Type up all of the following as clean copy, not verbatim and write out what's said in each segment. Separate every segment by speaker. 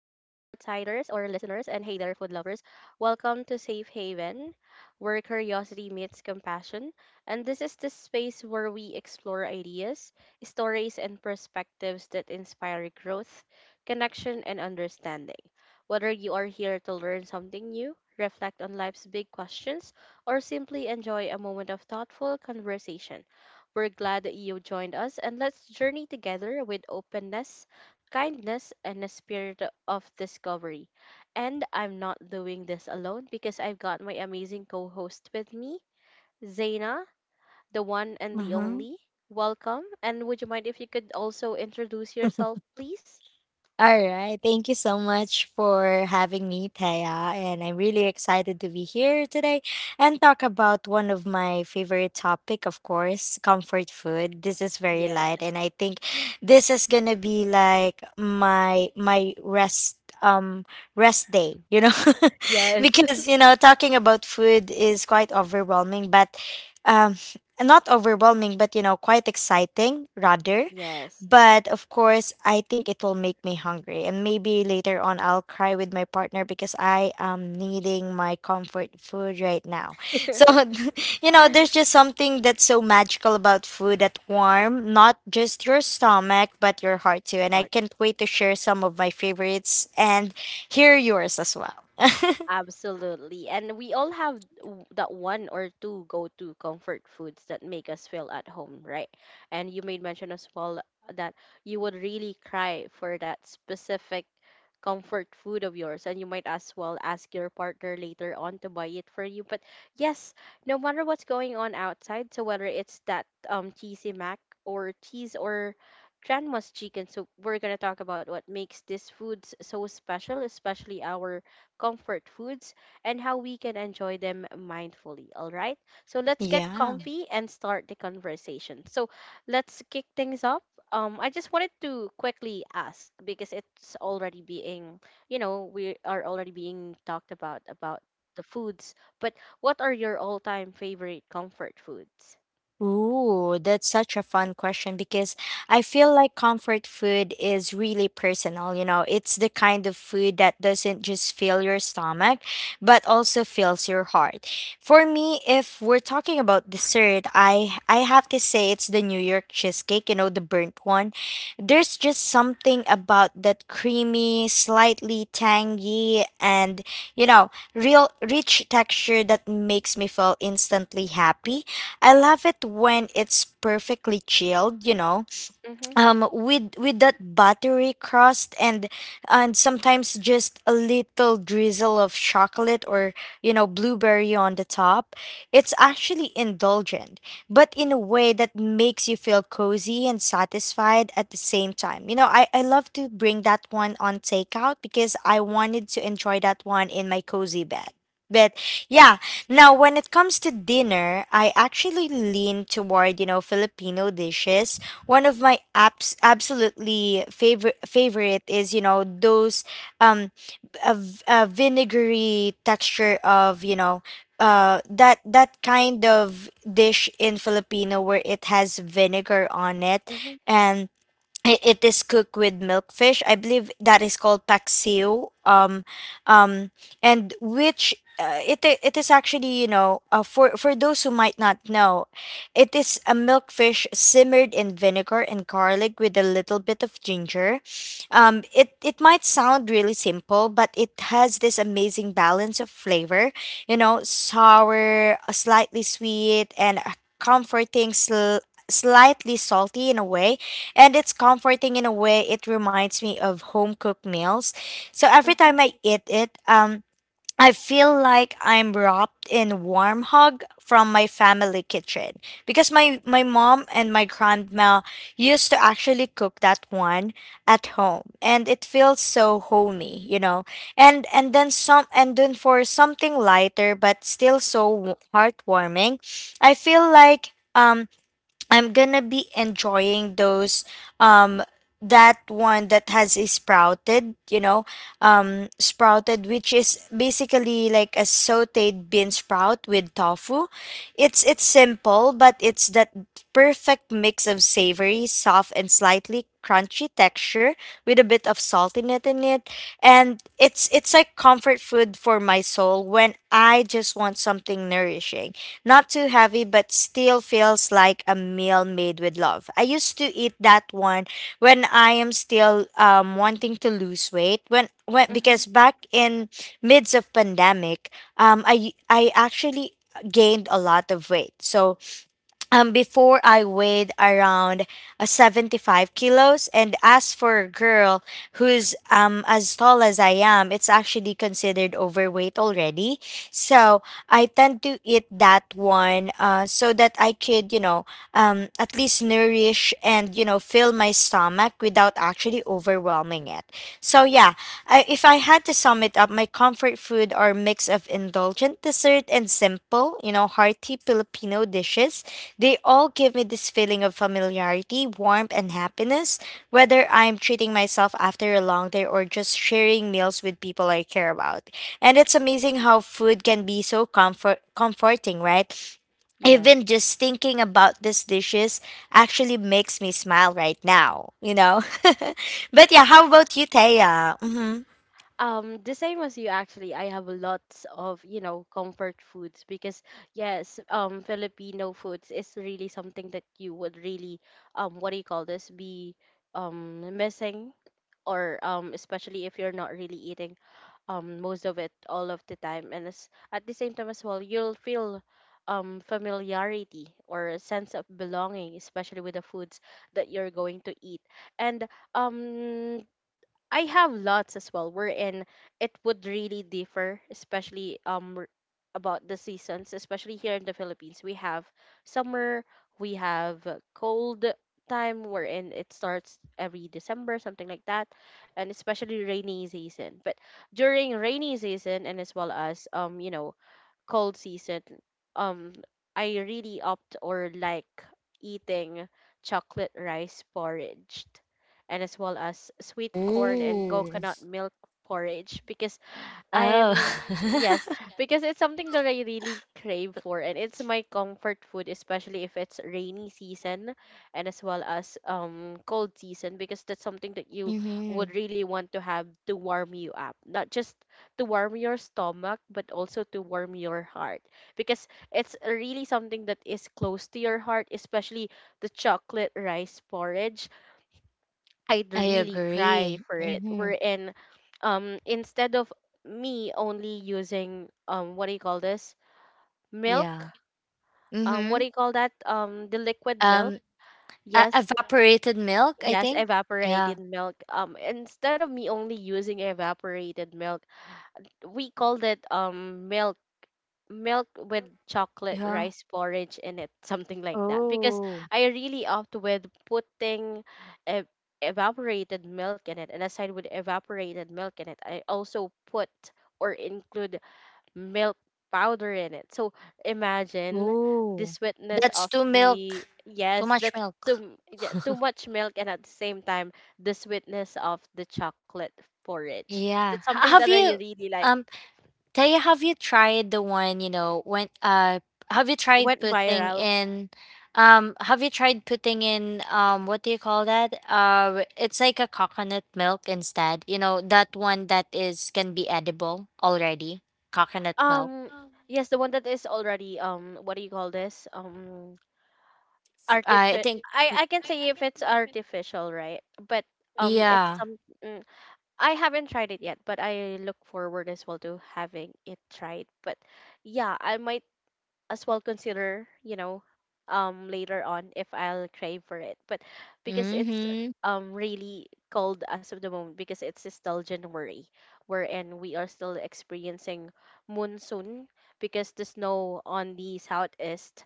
Speaker 1: or listeners, and hey there, food lovers. Welcome to Safe Haven, where curiosity meets compassion. And this is the space where we explore ideas, stories, and perspectives that inspire growth, connection, and understanding. Whether you are here to learn something new, reflect on life's big questions, or simply enjoy a moment of thoughtful conversation, we're glad that you joined us and let's journey together with openness kindness, and a spirit of discovery. And I'm not doing this alone because I've got my amazing co host with me, Zaina, the one and the
Speaker 2: Uh-huh.
Speaker 1: only. Welcome. And would you mind if you could also introduce yourself, please?
Speaker 2: All right. Thank you so much for having me, Taya. And I'm really excited to be here today and talk about one of my favorite topic, of course, comfort food. This is very light, and
Speaker 1: Yes.
Speaker 2: I think this is gonna be like my rest um rest day, you know.
Speaker 1: Yes.
Speaker 2: Because talking about food is quite overwhelming, but um not overwhelming, but you know, quite exciting rather.
Speaker 1: Yes.
Speaker 2: But of course, I think it will make me hungry. And maybe later on, I'll cry with my partner because I am needing my comfort food right now. So, you know, there's just something that's so magical about food that warm, not just your stomach, but your heart too. And I
Speaker 1: All
Speaker 2: can't wait to share some of my favorites and hear yours as well.
Speaker 1: Absolutely. And we all have that one or two go-to comfort foods that make us feel at home, right? And you made mention as well that you would really cry for that specific comfort food of yours and you might as well ask your partner later on to buy it for you. But yes, no matter what's going on outside, so whether it's that cheesy mac or cheese or grandma's chicken, so we're gonna talk about what makes these foods so special, especially our comfort foods, and how we can enjoy them mindfully. All right. So let's get
Speaker 2: Yeah.
Speaker 1: comfy and start the conversation. So let's kick things off. I just wanted to quickly ask because it's already being, you know, we are already being talked about the foods. But what are your all-time favorite comfort foods?
Speaker 2: Ooh, that's such a fun question because I feel like comfort food is really personal. You know, it's the kind of food that doesn't just fill your stomach, but also fills your heart. For me, if we're talking about dessert, I have to say it's the New York cheesecake, you know, the burnt one. There's just something about that creamy, slightly tangy, and you know, real rich texture that makes me feel instantly happy. I love it when it's perfectly chilled, you know,
Speaker 1: Mm-hmm.
Speaker 2: with that buttery crust, and sometimes just a little drizzle of chocolate or, you know, blueberry on the top. It's actually indulgent, but in a way that makes you feel cozy and satisfied at the same time. You know, I love to bring that one on takeout because I wanted to enjoy that one in my cozy bed. But yeah, now when it comes to dinner, I actually lean toward, you know, Filipino dishes. One of my apps absolutely favorite is, you know, those um a vinegary texture of, you know, that kind of dish in Filipino where it has vinegar on it,
Speaker 1: Mm-hmm.
Speaker 2: and it, it is cooked with milkfish. I believe that is called paksiw. Um, and which it is actually, you know, for those who might not know, it is a milkfish simmered in vinegar and garlic with a little bit of ginger. It it might sound really simple, but it has this amazing balance of flavor. You know, sour, slightly sweet, and a comforting. Slightly salty in a way, and it's comforting in a way. It reminds me of home cooked meals. So every
Speaker 1: Mm-hmm.
Speaker 2: time I eat it, I feel like I'm wrapped in warm hug from my family kitchen, because my mom and my grandma used to actually cook that one at home, and it feels so homey, you know. And then for something lighter but still so heartwarming, I feel like um I'm gonna be enjoying those um that one that has a sprouted, you know, sprouted, which is basically like a sauteed bean sprout with tofu. It's simple, but it's that perfect mix of savory, soft and slightly crunchy texture with a bit of salt in it, and it's like comfort food for my soul when I just want something nourishing, not too heavy but still feels like a meal made with love. I used to eat that one when I am still wanting to lose weight, when
Speaker 1: Mm-hmm.
Speaker 2: because back in midst of pandemic, I actually gained a lot of weight. So before I weighed around 75 kilos. And as for a girl who's as tall as I am, it's actually considered overweight already. So I tend to eat that one, so that I could, you know, at least nourish and, you know, fill my stomach without actually overwhelming it. So yeah, I, if I had to sum it up, my comfort food are mix of indulgent dessert and simple, you know, hearty Filipino dishes. They all give me this feeling of familiarity, warmth, and happiness, whether I'm treating myself after a long day or just sharing meals with people I care about. And it's amazing how food can be so comforting, right?
Speaker 1: Yes.
Speaker 2: Even just thinking about these dishes actually makes me smile right now, you know? But yeah, how about you, Thea? Hmm.
Speaker 1: The same as you actually. I have lots of, you know, comfort foods because yes, Filipino foods is really something that you would really, what do you call this, be missing or especially if you're not really eating most of it all of the time and as at the same time as well you'll feel familiarity or a sense of belonging especially with the foods that you're going to eat and um I have lots as well wherein it would really differ, especially about the seasons, especially here in the Philippines. We have summer, we have cold time wherein it starts every December, something like that, and especially rainy season. But during rainy season and as well as you know cold season, um, I really opt or like eating chocolate rice porridge and as well as sweet corn and
Speaker 2: Ooh.
Speaker 1: coconut milk porridge because
Speaker 2: Oh.
Speaker 1: I'm yes, because it's something that I really crave for and it's my comfort food, especially if it's rainy season and as well as cold season because that's something that you would
Speaker 2: Mhm.
Speaker 1: really want to have to warm you up. Not just to warm your stomach, but also to warm your heart because it's really something that is close to your heart, especially the chocolate rice porridge. I'd
Speaker 2: I
Speaker 1: really cry
Speaker 2: agree.
Speaker 1: for it.
Speaker 2: Mhm.
Speaker 1: Wherein, instead of me only using what do you call this? Milk.
Speaker 2: Yeah.
Speaker 1: What do
Speaker 2: Mhm.
Speaker 1: you call that? The liquid milk.
Speaker 2: Um, e
Speaker 1: Yes.
Speaker 2: evaporated milk, I
Speaker 1: Yes,
Speaker 2: think. Yeah.
Speaker 1: evaporated milk. Instead of me only using evaporated milk, we called it milk with chocolate
Speaker 2: Yeah.
Speaker 1: rice porridge in it, something like that. Because
Speaker 2: Oh.
Speaker 1: I really opt with putting ev- evaporated milk in it, and aside with evaporated milk in it, I also put or include milk powder in it. So imagine the
Speaker 2: Oh.
Speaker 1: sweetness
Speaker 2: That's
Speaker 1: of
Speaker 2: too
Speaker 1: the
Speaker 2: milk. Too
Speaker 1: yes,
Speaker 2: much
Speaker 1: that's
Speaker 2: milk.
Speaker 1: too yeah, too much milk, and at the same time the sweetness of the chocolate porridge. That's
Speaker 2: Yeah. Ha
Speaker 1: something that
Speaker 2: Have
Speaker 1: I
Speaker 2: you,
Speaker 1: really like.
Speaker 2: um, Taya, have you tried the one, you know, when have you tried
Speaker 1: Went
Speaker 2: putting
Speaker 1: viral.
Speaker 2: in um, have you tried putting in um, what do you call that? Uh, it's like a coconut milk instead. You know, that one that is can be edible already. Coconut milk.
Speaker 1: Um, yes, the one that is already what do you call this?
Speaker 2: I
Speaker 1: Artificial.
Speaker 2: think y-
Speaker 1: I can say if it's artificial, right? But it's
Speaker 2: yeah.
Speaker 1: some. Mm, I haven't tried it yet, but I look forward as well to having it tried. But yeah, I might as well consider, you know, later on if I'll crave for it. But because it's
Speaker 2: Mhm.
Speaker 1: really cold as of the moment because it's still January wherein we are still experiencing monsoon because the snow on the southeast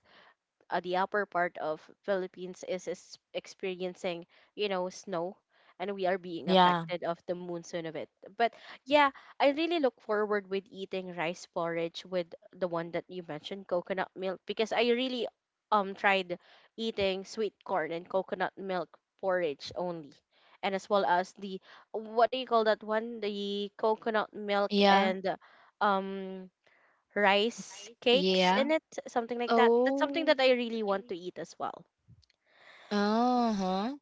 Speaker 1: the upper part of Philippines is experiencing, you know, snow and we are being
Speaker 2: Yeah.
Speaker 1: affected of the monsoon of it. But yeah, I really look forward with eating rice porridge with the one that you mentioned, coconut milk, because I really tried eating sweet corn and coconut milk porridge only. And as well as the what do you call that one? The coconut milk
Speaker 2: Yeah.
Speaker 1: and um rice cakes
Speaker 2: Yeah.
Speaker 1: in it, something like that. That's something
Speaker 2: Oh.
Speaker 1: that I really want to eat as well.
Speaker 2: Uh-huh.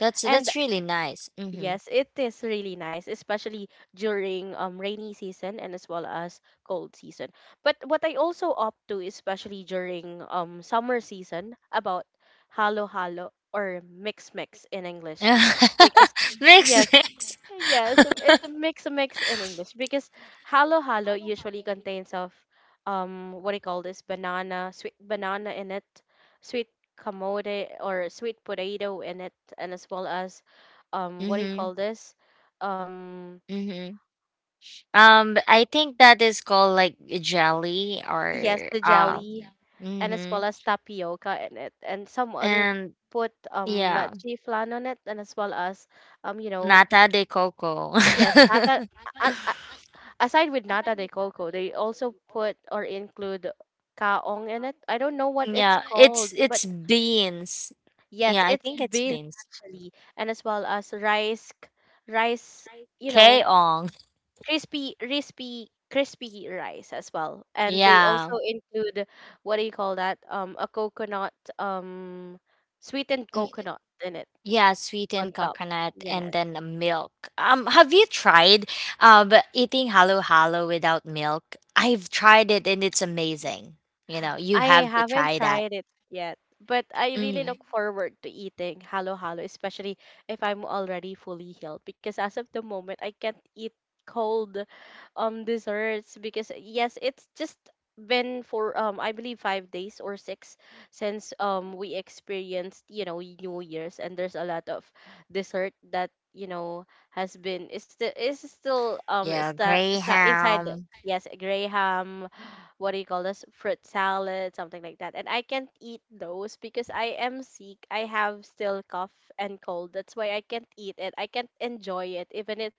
Speaker 2: That's
Speaker 1: And
Speaker 2: really nice. Mhm.
Speaker 1: yes, it is really nice, especially during rainy season and as well as cold season. But what I also opt to, especially during summer season, about halo halo or mix mix in English. Because
Speaker 2: Mix
Speaker 1: yes,
Speaker 2: mix.
Speaker 1: yes, it's a mix, in English because halo halo usually contains of what do you call this banana, sweet banana in it, sweet kamote or sweet potato in it, and as well as what do you
Speaker 2: Mm-hmm.
Speaker 1: call this um
Speaker 2: Mm-hmm. But I think that is called like jelly
Speaker 1: yes
Speaker 2: or
Speaker 1: the
Speaker 2: um.
Speaker 1: jelly and as
Speaker 2: Mm-hmm.
Speaker 1: well as tapioca in it and some other
Speaker 2: And
Speaker 1: put
Speaker 2: yeah,
Speaker 1: leche flan on it and as well as you know
Speaker 2: nata de coco.
Speaker 1: yes that aside with nata de coco, they also put or include kaong in it. I don't know what it's
Speaker 2: Yeah,
Speaker 1: called, but
Speaker 2: it's beans.
Speaker 1: yes,
Speaker 2: Yeah, I
Speaker 1: it's
Speaker 2: think it's
Speaker 1: beans
Speaker 2: beans.
Speaker 1: actually, and as well as rice, rice, you know,
Speaker 2: Kaong.
Speaker 1: crispy, crispy, crispy rice as well. And they
Speaker 2: Yeah.
Speaker 1: also include what do you call that? A coconut, um, sweetened
Speaker 2: Mm.
Speaker 1: coconut in it
Speaker 2: Yeah,
Speaker 1: on
Speaker 2: sweetened
Speaker 1: top.
Speaker 2: coconut and
Speaker 1: Yes.
Speaker 2: then the milk. Have you tried eating halo halo without milk? I've tried it and it's amazing. You know, you
Speaker 1: I
Speaker 2: have to
Speaker 1: haven't
Speaker 2: try that.
Speaker 1: tried it yet, but I really
Speaker 2: Mm.
Speaker 1: look forward to eating halo halo, especially if I'm already fully healed. Because as of the moment, I can't eat cold desserts because yes, it's just been for I believe 5 days or six since we experienced you know New Year's and there's a lot of dessert that you know has been is still
Speaker 2: Yeah,
Speaker 1: sta sa inside the-
Speaker 2: Greyhound.
Speaker 1: yes graham what do you call this fruit salad something like that and I can't eat those because I am sick I have still cough and cold that's why I can't eat it I can't enjoy it even it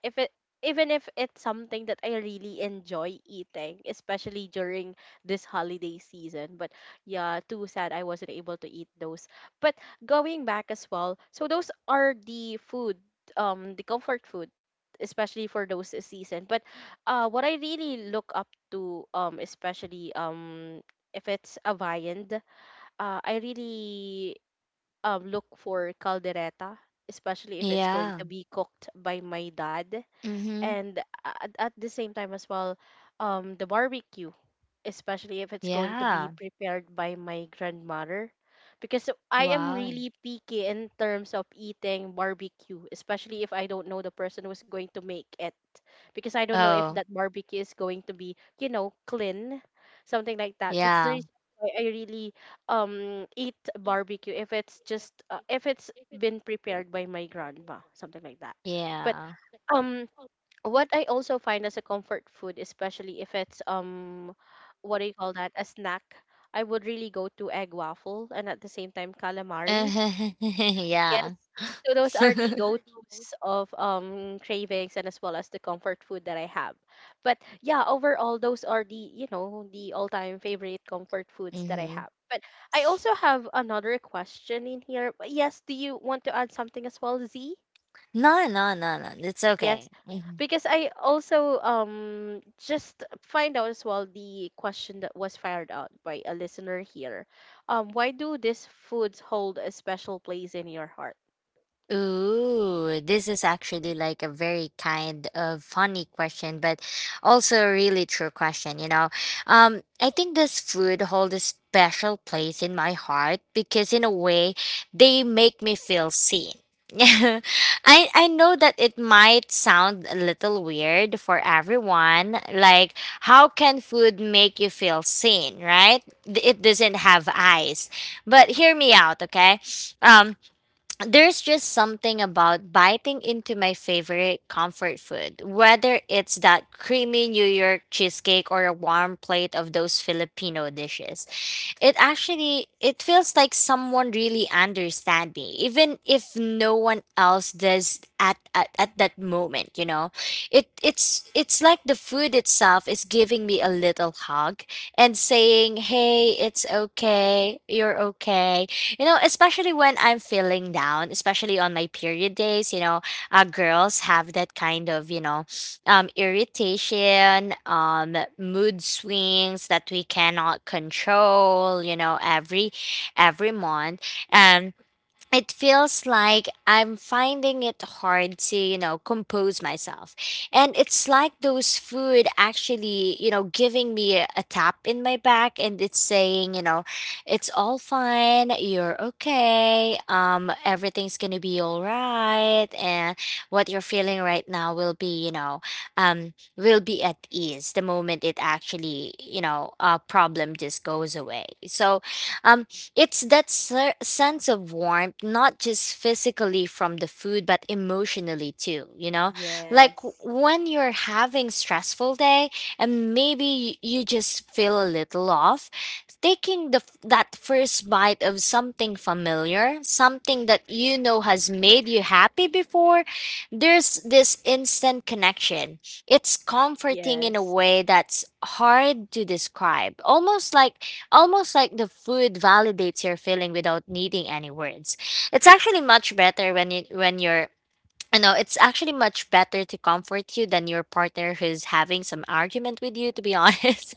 Speaker 1: if it even if it's something that I really enjoy eating especially during this holiday season but yeah too sad I wasn't able to eat those but going back as well so those are the food the comfort food especially for those season but what I really look up to especially if it's a viand I really look for caldereta especially if it's going
Speaker 2: Yeah.
Speaker 1: to be cooked by my dad
Speaker 2: Mm-hmm.
Speaker 1: and at the same time as well the barbecue especially if it's going to be
Speaker 2: Yeah.
Speaker 1: prepared by my grandmother because I am
Speaker 2: Wow.
Speaker 1: really picky in terms of eating barbecue especially if I don't know the person who's going to make it because I don't know if
Speaker 2: Oh,
Speaker 1: that barbecue is going to be, you know, clean, something like that. That's the
Speaker 2: yeah.
Speaker 1: reason why I really eat barbecue if it's just if it's been prepared by my grandma, something like that. But
Speaker 2: Yeah.
Speaker 1: um what I also find as a comfort food, especially if it's what do you call that, a snack, I would really go to egg waffle and at the same time calamari. Yes.
Speaker 2: Yeah.
Speaker 1: So those are the go-tos of cravings and as well as the comfort food that I have. But yeah, overall those are the, you know, the all-time favorite comfort foods that I
Speaker 2: Mm-hmm.
Speaker 1: have. But I also have another question in here. But yes, do you want to add something as well, Z?
Speaker 2: No, no, no, no. It's okay.
Speaker 1: Yes.
Speaker 2: Mhm.
Speaker 1: Because I also just find out as well the question that was fired out by a listener here. Why do these foods hold a special place in your heart?
Speaker 2: Ooh, this is actually like a very kind of funny question, but also a really true question, you know. I think this food hold a special place in my heart because in a way they make me feel seen. I know that it might sound a little weird for everyone. Like, how can food make you feel seen, right? It doesn't have eyes. But hear me out, okay? Um there's just something about biting into my favorite comfort food, whether it's that creamy New York cheesecake or a warm plate of those Filipino dishes. It feels like someone really understand me, even if no one else does at that moment, you know. It's like the food itself is giving me a little hug and saying, Hey, it's okay, you're okay. You know, especially when I'm feeling down, especially on my period days, you know, girls have that kind of, you know, irritation, mood swings that we cannot control. You know, every month, and it feels like I'm finding it hard to, you know, compose myself. And it's like those food actually, you know, giving me a tap in my back and it's saying, you know, it's all fine, you're okay, everything's gonna be all right, and what you're feeling right now will be, you know, will be at ease the moment it actually, you know, uh, problem just goes away. So um, it's that sense of warmth, not just physically from the food, but emotionally too, you know? Like
Speaker 1: Yes.
Speaker 2: when you're having stressful day and maybe you just feel a little off, taking that first bite of something familiar, something that you know has made you happy before, there's this instant connection. It's comforting in a
Speaker 1: Yes.
Speaker 2: way that's hard to describe. Almost like the food validates your feeling without needing any words. It's actually much better when you when you're you know, it's actually much better to comfort you than your partner who's having some argument with you, to be honest.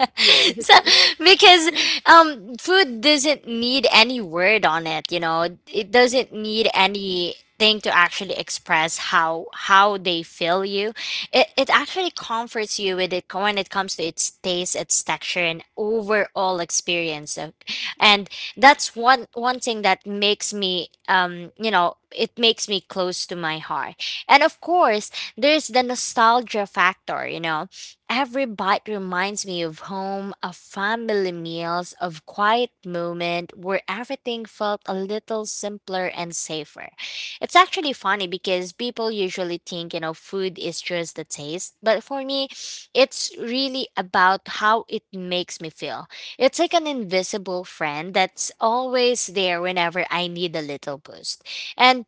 Speaker 2: So,
Speaker 1: Yes.
Speaker 2: because food doesn't need any word on it, you know, it doesn't need anything to actually express how they feel you. It actually comforts you with it when it comes to its taste, its texture, and overall experience. So, and that's one thing that makes me, um, you know, it makes me close to my heart. And of course, there's the nostalgia factor, you know. Every bite reminds me of home, of family meals, of quiet moment where everything felt a little simpler and safer. It's actually funny because people usually think, you know, food is just the taste, but for me, it's really about how it makes me feel. It's like an invisible friend that's always there whenever I need a little boost. And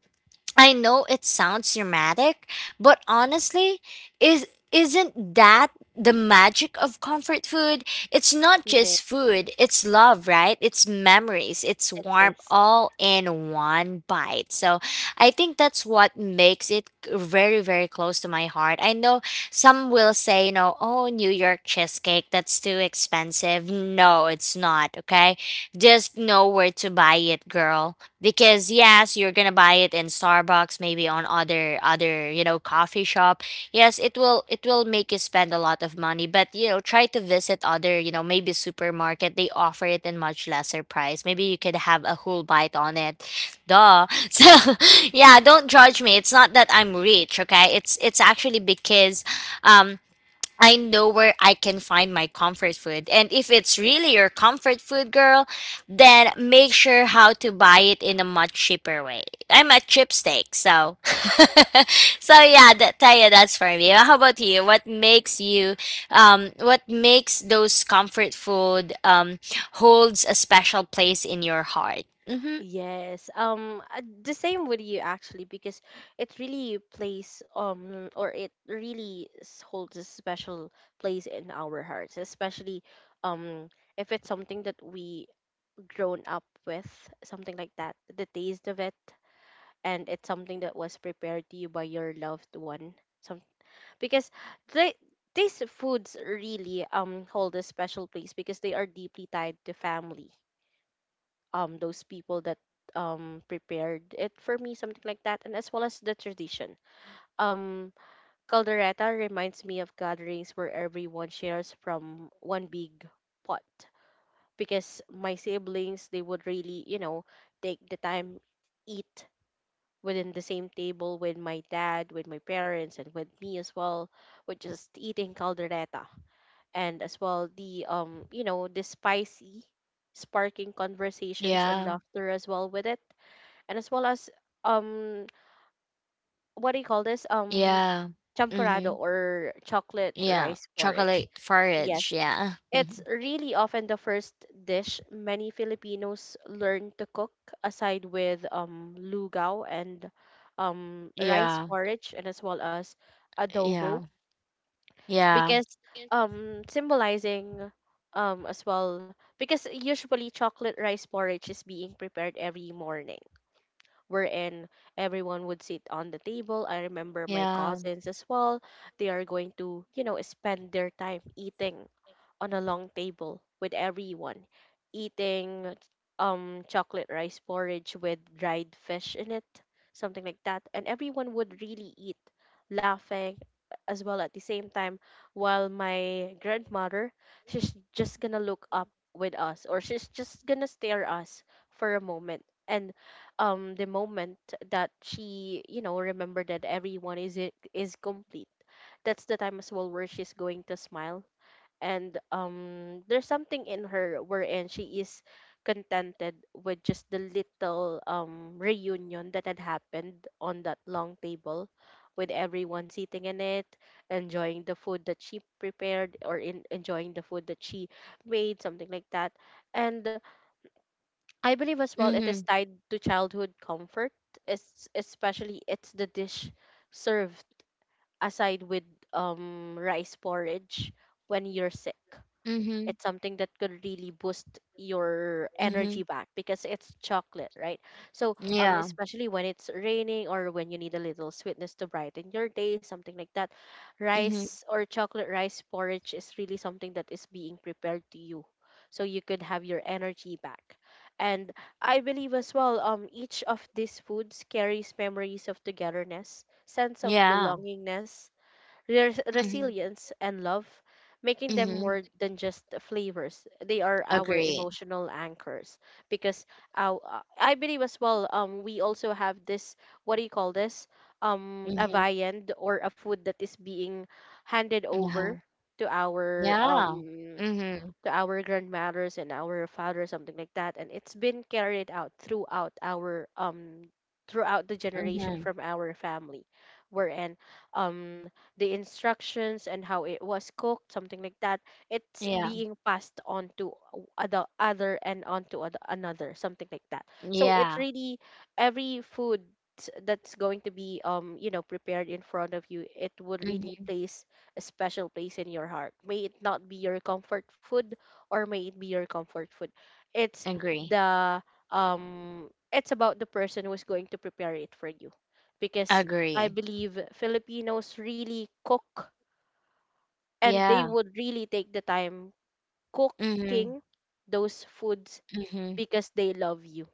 Speaker 2: I know it sounds dramatic, but honestly, is isn't that the magic of comfort food? It's not
Speaker 1: It is.
Speaker 2: just food, it's love, right? It's memories, it's
Speaker 1: It
Speaker 2: warmth
Speaker 1: is.
Speaker 2: all in one bite. So, I think that's what makes it very close to my heart. I know some will say, you know, oh, New York cheesecake, that's too expensive. No, it's not, okay? Just know where to buy it, girl, because yes, you're gonna buy it in Starbucks, maybe on other coffee shop. Yes, it will make you spend a lot of money, but you know, try to visit other, you know, maybe supermarket. They offer it in much lesser price. Maybe you could have a whole bite on it. Duh. So yeah, don't judge me. It's not that I'm rich, okay? It's actually because um I know where I can find my comfort food. And if it's really your comfort food, girl, then make sure how to buy it in a much cheaper way. I'm a chipstick, so so yeah, that Taya, that's for me. How about you? What makes you what makes those comfort food holds a special place in your heart? Mm-hmm.
Speaker 1: Yes. The same with you actually, because it really plays or it really s- holds a special place in our hearts, especially um if it's something that we grown up with, something like that, the taste of it, and it's something that was prepared to you by your loved one, because they these foods really hold a special place because they are deeply tied to family, those people that prepared it for me, something like that, and as well as the tradition. um Caldereta reminds me of gatherings where everyone shares from one big pot, because my siblings, they would really, you know, take the time eat within the same table with my dad, with my parents, and with me as well, with just eating caldereta. And as well the, you know, the spicy sparking conversations and
Speaker 2: Yeah.
Speaker 1: laughter as well with it. And as well as, um what do you call this,
Speaker 2: Yeah. Mm-hmm.
Speaker 1: champurrado or chocolate
Speaker 2: Yeah.
Speaker 1: rice porridge.
Speaker 2: Chocolate
Speaker 1: Yes,
Speaker 2: porridge, yeah.
Speaker 1: it's really often the first dish many Filipinos learn to cook, aside with lugaw and rice
Speaker 2: Yeah.
Speaker 1: porridge, and as well as
Speaker 2: Yeah.
Speaker 1: adobo.
Speaker 2: Yeah,
Speaker 1: Because symbolizing, as well, because usually chocolate rice porridge is being prepared every morning, wherein everyone would sit on the table. I remember my
Speaker 2: yeah.
Speaker 1: cousins as well, they are going to, you know, spend their time eating on a long table with everyone, eating chocolate rice porridge with dried fish in it, something like that, and everyone would really eat, laughing as well at the same time, while my grandmother, she's just gonna look up with us, or she's just gonna stare us for a moment. And the moment that she, you know, remember that everyone is is complete, that's the time as well where she's going to smile. And there's something in her wherein she is contented with just the little reunion that had happened on that long table, with everyone sitting in it, enjoying the food that she prepared, or in enjoying the food that she made, something like that. And I believe as well, it is
Speaker 2: Mhm,
Speaker 1: tied to childhood comfort. It's especially, it's the dish served aside with rice porridge when you're sick.
Speaker 2: mhm,
Speaker 1: It's something that could really boost your energy
Speaker 2: mhm.
Speaker 1: back, because it's chocolate, right? So,
Speaker 2: Yeah,
Speaker 1: especially when it's raining or when you need a little sweetness to brighten your day, something like that,
Speaker 2: mhm.
Speaker 1: rice or chocolate rice porridge is really something that is being prepared to you. So you could have your energy back. And I believe as well, each of these foods carries memories of togetherness, sense of
Speaker 2: Yeah.
Speaker 1: belongingness,
Speaker 2: Mhm,
Speaker 1: resilience, and love, making them
Speaker 2: mhm.
Speaker 1: more than just flavors. They are our
Speaker 2: Agree.
Speaker 1: emotional anchors. Because our, I believe as well, we also have this, what do you call this? A
Speaker 2: Mhm.
Speaker 1: viand or a food that is being handed over
Speaker 2: Uh-huh.
Speaker 1: to our
Speaker 2: Yeah.
Speaker 1: um
Speaker 2: Mhm,
Speaker 1: to our grandmothers and our fathers, something like that. And it's been carried out throughout our throughout the generation
Speaker 2: mhm.
Speaker 1: from our family, wherein um the instructions and how it was cooked, something like that, it's
Speaker 2: Yeah,
Speaker 1: being passed on to other, and on to other, another, something like that. So it's
Speaker 2: yeah.
Speaker 1: really every food that's going to be, you know, prepared in front of you, it would really
Speaker 2: Mhm.
Speaker 1: place a special place in your heart. May it not be your comfort food, or may it be your comfort food, it's
Speaker 2: Agree.
Speaker 1: the it's about the person who's going to prepare it for you, because I
Speaker 2: Agree.
Speaker 1: believe Filipinos really cook, and they
Speaker 2: Yeah.
Speaker 1: would really take the time
Speaker 2: Mhm,
Speaker 1: cooking those foods
Speaker 2: mhm.
Speaker 1: because they love you.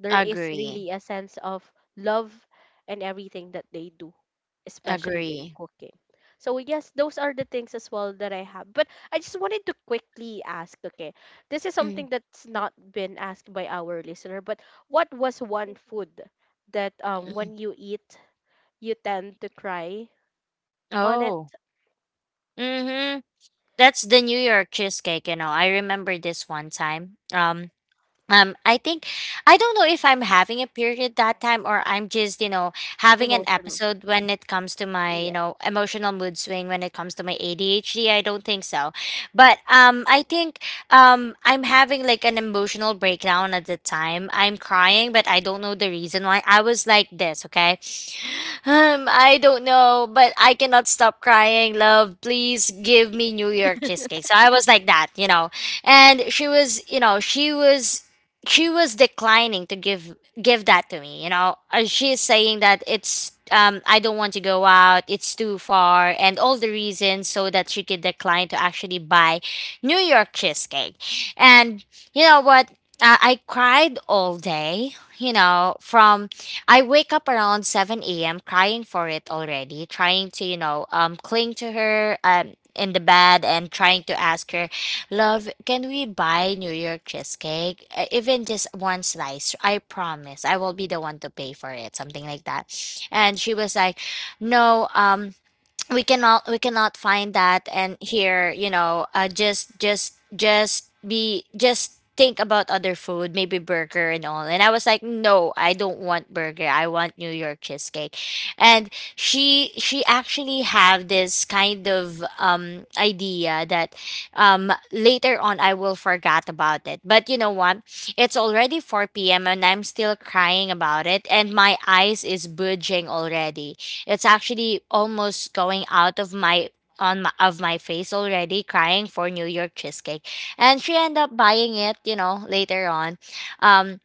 Speaker 1: There is
Speaker 2: Agree.
Speaker 1: really a sense of love and everything that they do, especially in
Speaker 2: Agree.
Speaker 1: cooking. So yes, those are the things as well that I have. But I just wanted to quickly ask, okay, this is
Speaker 2: Mm,
Speaker 1: something that's not been asked by our listener, but what was one food that,
Speaker 2: mhm.
Speaker 1: when you eat, you tend to cry on it.
Speaker 2: Oh. Mhm. That's the New York cheesecake, you know. I remember this one time. I think I don't know if I'm having a period that time, or I'm just, you know, having an
Speaker 1: Emotional?
Speaker 2: episode when it comes to my,
Speaker 1: Yeah.
Speaker 2: you know, emotional mood swing when it comes to my ADHD. I don't think so. But I think I'm having like an emotional breakdown at the time. I'm crying, but I don't know the reason why. I was like this, okay? I don't know, but I cannot stop crying. Love, please give me New York cheesecake. So I was like that, you know. And she was, you know, she was declining to give that to me, you know. She's saying that it's I don't want to go out, it's too far, and all the reasons so that she could decline to actually buy New York cheesecake. And you know what, I cried all day, you know, from I wake up around 7 a.m. crying for it already, trying to, you know, cling to her in the bed and trying to ask her, Love, can we buy New York cheesecake? Even just one slice. I promise I will be the one to pay for it. Something like that. And she was like, no, we cannot find that and here, you know, just think about other food, maybe burger and all. And I was like, no, I don't want burger, I want New York cheesecake. And she actually have this kind of idea that later on I will forget about it. But you know what, it's already 4 p.m. and I'm still crying about it, and my eyes is budging already. It's actually almost going out of my on my, of my face already, crying for New York cheesecake. And she ended up buying it, you know, later on. Um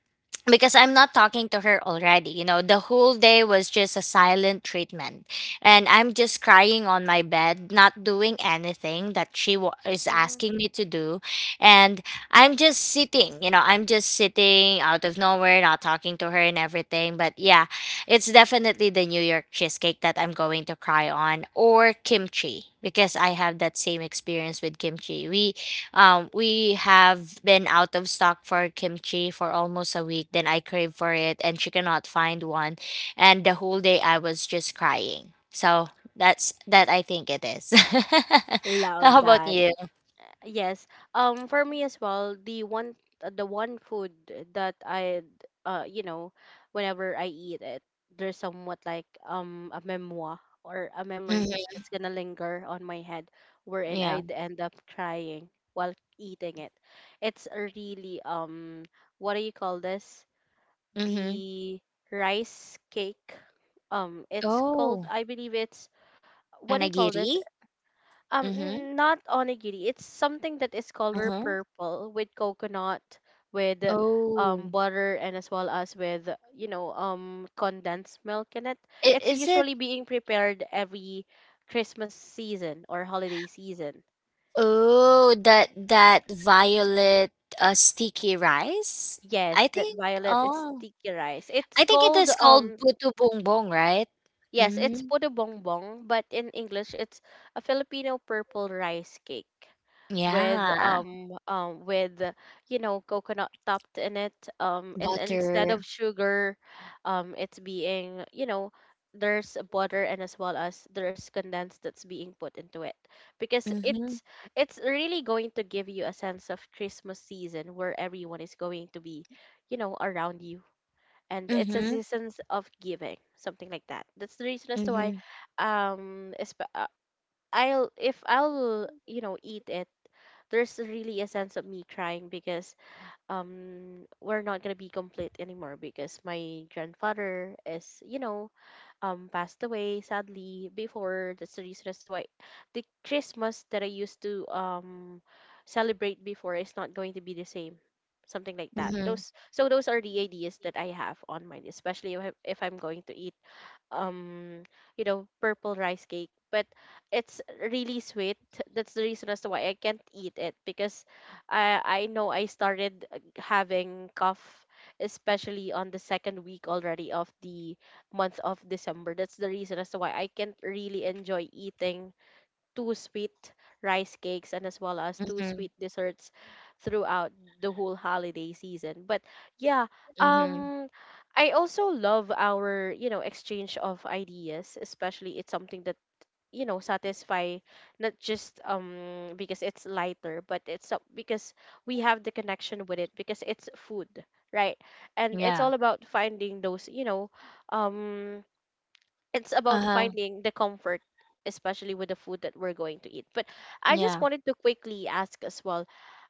Speaker 2: because I'm not talking to her already. You know, the whole day was just a silent treatment. And I'm just crying on my bed, not doing anything that she wa is
Speaker 1: Hmm.
Speaker 2: asking me to do. And I'm just sitting, you know, I'm just sitting out of nowhere, not talking to her and everything. But yeah, it's definitely the New York cheesecake that I'm going to cry on, or kimchi, because I have that same experience with kimchi. We have been out of stock for kimchi for almost a week. Then I crave for it, and she cannot find one. And the whole day I was just crying. So that's that. I think it is.
Speaker 1: Love
Speaker 2: How about
Speaker 1: that.
Speaker 2: you?
Speaker 1: Yes. For me as well, the one, the one food that I, you know, whenever I eat it, there's somewhat like a memoir or a
Speaker 2: Hmm.
Speaker 1: memories that's gonna linger on my head, wherein
Speaker 2: Yeah.
Speaker 1: I'd end up crying while eating it. It's a really what do you call this?
Speaker 2: Mm-hmm.
Speaker 1: The rice cake. It's
Speaker 2: Oh,
Speaker 1: called, I believe it's, what do you call
Speaker 2: kanagiri.
Speaker 1: this?
Speaker 2: Mm-hmm.
Speaker 1: Not onigiri. It's something that is color
Speaker 2: Uh-huh.
Speaker 1: purple with coconut, with
Speaker 2: Oh,
Speaker 1: butter, and as well as with, you know, condensed milk in it.
Speaker 2: i-
Speaker 1: It's
Speaker 2: is it?
Speaker 1: usually being prepared every Christmas season or holiday season.
Speaker 2: Oh, that that violet sticky rice.
Speaker 1: Yes,
Speaker 2: I
Speaker 1: that
Speaker 2: think.
Speaker 1: violet is
Speaker 2: Oh.
Speaker 1: sticky rice. It's
Speaker 2: I think it
Speaker 1: called
Speaker 2: is called puto bongbong, right?
Speaker 1: yes, it's
Speaker 2: Mm,
Speaker 1: puto bongbong, but in English it's a Filipino purple rice cake, with
Speaker 2: yeah,
Speaker 1: with, you know, coconut topped in it, and instead
Speaker 2: butter.
Speaker 1: of sugar, it's being, you know, there's butter and as well as there's condensed that's being put into it. Because
Speaker 2: Mhm,
Speaker 1: it's really going to give you a sense of Christmas season where everyone is going to be, you know, around you, and it's a
Speaker 2: mhm,
Speaker 1: season of giving, something like that. That's the reason as to why,
Speaker 2: mhm,
Speaker 1: um esp- uh, I'll, if I'll, you know, eat it, there's really a sense of me crying, because we're not gonna be complete anymore, because my grandfather is, you know, passed away sadly before. That's the reason as to why the Christmas that I used to celebrate before is not going to be the same, something like that.
Speaker 2: mhm,
Speaker 1: Those, so those are the ideas that I have on mind, especially if, if I'm going to eat um you know, purple rice cake. But it's really sweet, that's the reason as to why I can't eat it, because I know I started, having cough, especially on the second week already of the month of December. That's the reason as to why I can't really enjoy eating two sweet rice cakes and as well as two
Speaker 2: mhm,
Speaker 1: sweet desserts throughout the whole holiday season. But yeah,
Speaker 2: mhm,
Speaker 1: um I also love our, you know, exchange of ideas, especially it's something that, you know, satisfy not just because it's lighter, but it's because we have the connection with it, because it's food, right? And it's
Speaker 2: yeah.
Speaker 1: all about finding those, you know, um it's about
Speaker 2: Uh-huh,
Speaker 1: finding the comfort, especially with the food that we're going to eat. But I just
Speaker 2: yeah.
Speaker 1: wanted to quickly ask as well,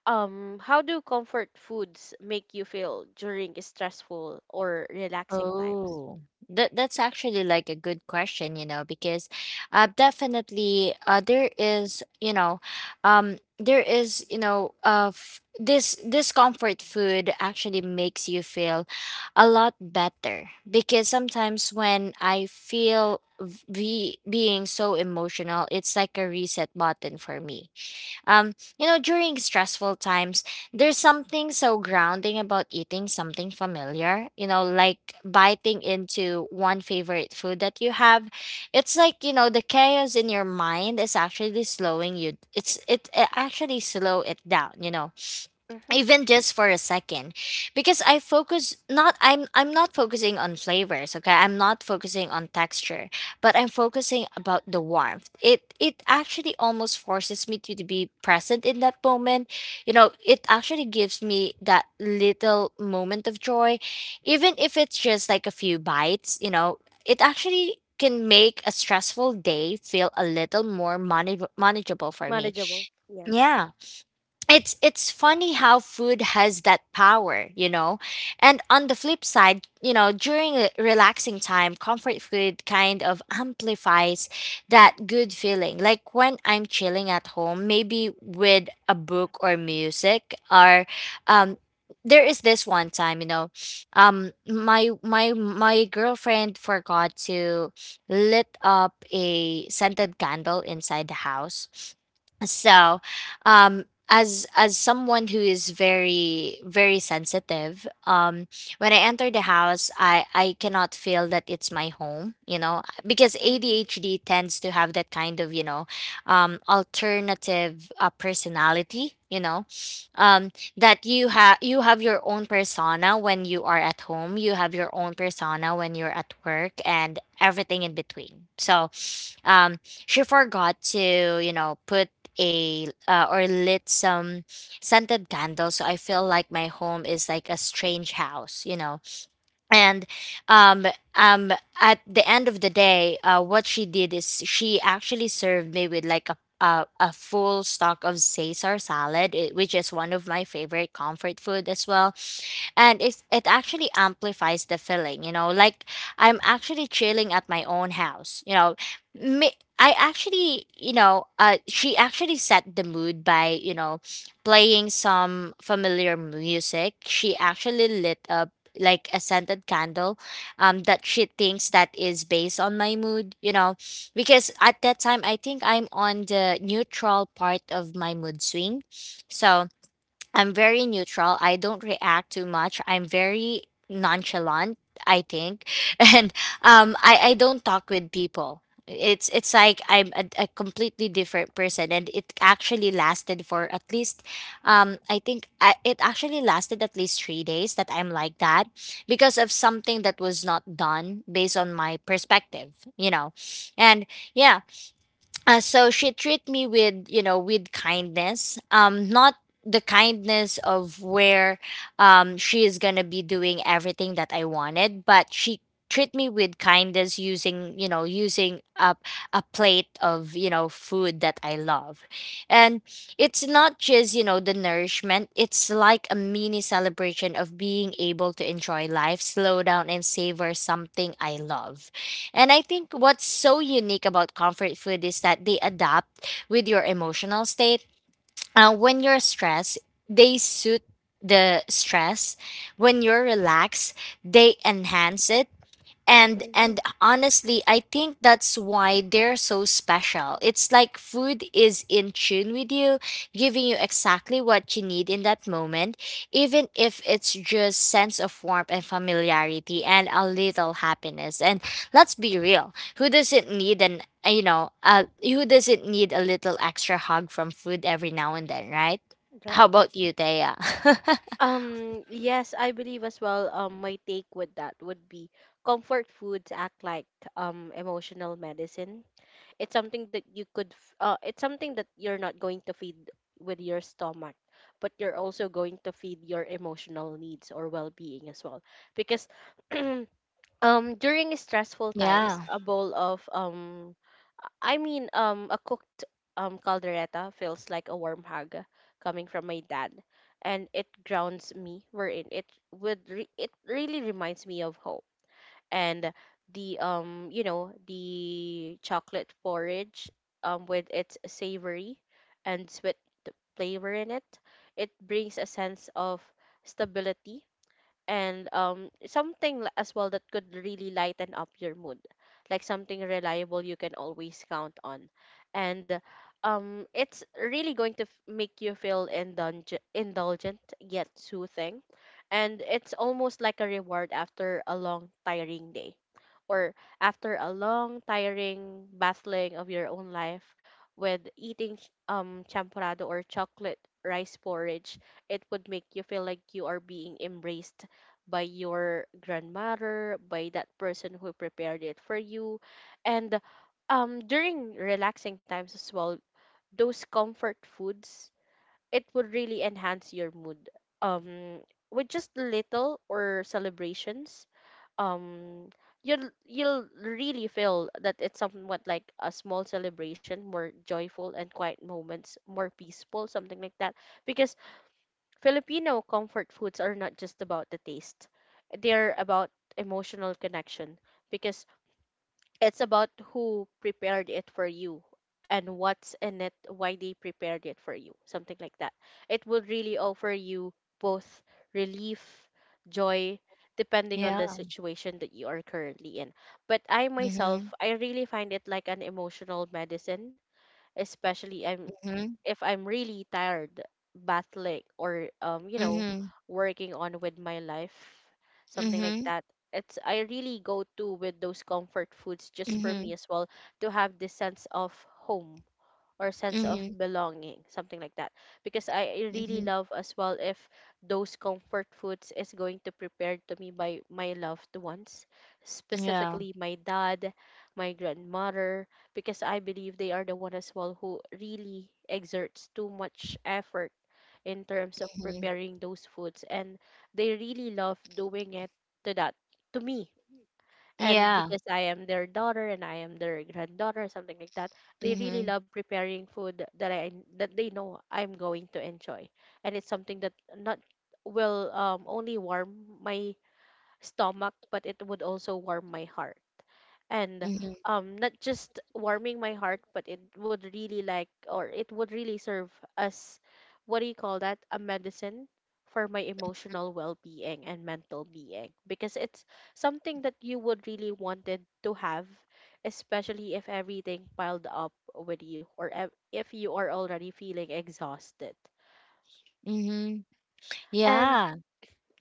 Speaker 1: how do comfort foods make you feel during stressful or relaxing times?
Speaker 2: Oh, that that's actually like a good question, you know, because definitely there is, you know, there is, you know, f this this comfort food actually makes you feel a lot better, because sometimes when I feel v be being so emotional, it's like a reset button for me. Um, you know, during stressful times, there's something so grounding about eating something familiar, you know, like biting into one favorite food that you have. It's like, you know, the chaos in your mind is actually slowing you. It's it, it actually slow it down, you know,
Speaker 1: Mm-hmm.
Speaker 2: even just for a second, because I focus not I'm not focusing on flavors, okay, I'm not focusing on texture, but I'm focusing about the warmth. It actually almost forces me to be present in that moment. You know, it actually gives me that little moment of joy, even if it's just like a few bites, you know. It actually can make a stressful day feel a little more manage- manageable for me.
Speaker 1: Manageable, yes.
Speaker 2: Yeah, it's funny how food has that power, you know. And on the flip side, you know, during a relaxing time, comfort food kind of amplifies that good feeling. Like when I'm chilling at home, maybe with a book or music, or um there is this one time, you know, my girlfriend forgot to lit up a scented candle inside the house. So um as someone who is very very sensitive, um, when I enter the house, I cannot feel that it's my home, you know, because
Speaker 1: Mm-hmm.
Speaker 2: ADHD tends to have that kind of, you know, alternative personality, you know, um that you have, you have your own persona when you are at home, you have your own persona when you're at work, and everything in between. So she forgot to, you know, put a or lit some scented candles, so I feel like my home is like a strange house, you know. And um, um, at the end of the day, what she did is she actually served me with like a full stock of Caesar salad, eh, which is one of my favorite comfort food as well, and it actually amplifies the feeling. You know, like I'm actually chilling at my own house. You know, me. I actually, you know, she actually set the mood by, you know, playing some familiar music. She actually lit up like a scented candle that she thinks that is based on my mood, you know, because at that time I think I'm on the neutral part of my mood swing. So I'm very neutral. I don't react too much. I'm very nonchalant, I think. And I don't talk with people. It's like I'm a completely different person, and it actually lasted for at least I think I, it actually lasted at least 3 days that I'm like that, because of something that was not done based on my perspective, you know. And yeah, so she treat me with, you know, with kindness, um, not the kindness of where she is gonna be doing everything that I wanted, but she treat me with kindness using, you know, using a plate of, you know, food that I love. And it's not just, you know, the nourishment, it's like a mini celebration of being able to enjoy life, slow down, and savor something I love. And I think what's so unique about comfort food is that they adapt with your emotional state. When you're stressed, they suit the stress. When you're relaxed, they enhance it. and
Speaker 1: Mm-hmm.
Speaker 2: and honestly, I think that's why they're so special. It's like food is in tune with you, giving you exactly what you need in that moment, even if it's just sense of warmth and familiarity and a little happiness. And let's be real, who doesn't need an you know who doesn't need a little extra hug from food every now and then, right? How
Speaker 1: Right.
Speaker 2: about you, Thea?
Speaker 1: Yes, I believe as well, my take with that would be, comfort foods act like emotional medicine. It's something that you could it's something that you're not going to feed with your stomach, but you're also going to feed your emotional needs or well-being as well. Because during stressful times,
Speaker 2: Yeah.
Speaker 1: a bowl of, a cooked caldereta feels like a warm hug coming from my dad, and it grounds me, wherein it it really reminds me of home. And the, you know, the chocolate porridge, with its savory and sweet flavor in it, it brings a sense of stability, and something as well that could really lighten up your mood, like something reliable you can always count on. And it's really going to make you feel indulgent yet soothing, and it's almost like a reward after a long tiring day, or after a long, tiring battling of your own life. With eating champorado or chocolate rice porridge, it would make you feel like you are being embraced by your grandmother, by that person who prepared it for you. And during relaxing times as well, those comfort foods, it would really enhance your mood. Um with just little or celebrations, um you'll really feel that it's somewhat like a small celebration, more joyful, and quiet moments more peaceful, something like that. Because Filipino comfort foods are not just about the taste, they're about emotional connection. Because it's about who prepared it for you, and what's in it, why they prepared it for you, something like that. It will really offer you both relief, joy, depending on
Speaker 2: Yeah.
Speaker 1: the situation that you are currently in. But I myself,
Speaker 2: Mm-hmm.
Speaker 1: I really find it like an emotional medicine, especially I'm
Speaker 2: Mm-hmm.
Speaker 1: if I'm really tired, battling, or you know,
Speaker 2: Mm-hmm.
Speaker 1: working on with my life, something like that. It's, I really go to with those comfort foods just for me
Speaker 2: Mm-hmm.
Speaker 1: as well to have this sense of home, or sense of
Speaker 2: Mhm,
Speaker 1: belonging, something like that. Because I really
Speaker 2: mhm.
Speaker 1: love as well if those comfort foods is going to prepared to me by my loved ones,
Speaker 2: Yeah.
Speaker 1: specifically my dad, my grandmother, because I believe they are the one as well who really exerts too much effort in terms of
Speaker 2: Mhm.
Speaker 1: preparing those foods, and they really love doing it to that, to me. And
Speaker 2: Yeah.
Speaker 1: because I am their daughter and I am their granddaughter, something like that, they really
Speaker 2: Mhm,
Speaker 1: love preparing food that I that they know I'm going to enjoy. And it's something that not will, only warm my stomach, but it would also warm my heart. And
Speaker 2: mhm,
Speaker 1: not just warming my heart, but it would really like, or it would really serve as, what do you call that, a medicine for my emotional well-being and mental being. Because it's something that you would really wanted to have, especially if everything piled up with you, or if you are already feeling exhausted.
Speaker 2: mhm.
Speaker 1: And
Speaker 2: Yeah.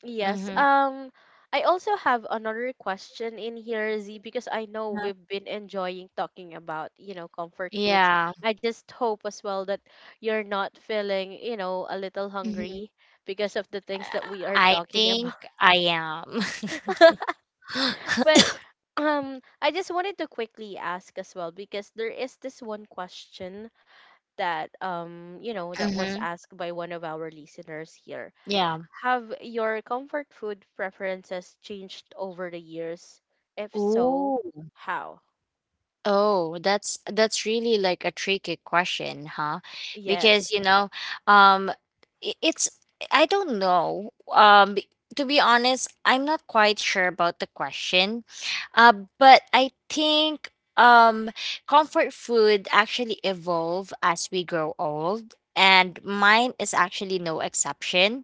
Speaker 1: yes.
Speaker 2: Mhm.
Speaker 1: I also have another question in here, Z, because I know
Speaker 2: Yeah.
Speaker 1: we've been enjoying talking about, you know, comfort foods.
Speaker 2: Yeah.
Speaker 1: I just hope as well that you're not feeling, a little
Speaker 2: Mhm.
Speaker 1: hungry because of the
Speaker 2: Uh,
Speaker 1: things that we are
Speaker 2: I
Speaker 1: talking
Speaker 2: think
Speaker 1: about.
Speaker 2: I am.
Speaker 1: But I just wanted to quickly ask as well because there is this one question that that was
Speaker 2: Mhm.
Speaker 1: asked by one of our listeners here.
Speaker 2: Yeah.
Speaker 1: Have your comfort food preferences changed over the years? If so,
Speaker 2: Ooh.
Speaker 1: how?
Speaker 2: Oh, that's really like a tricky question, huh?
Speaker 1: Yes.
Speaker 2: Because you know, um, I- it's I don't know. B- to be honest, I'm not quite sure about the question. But I think comfort food actually evolve as we grow old, and mine is actually no exception.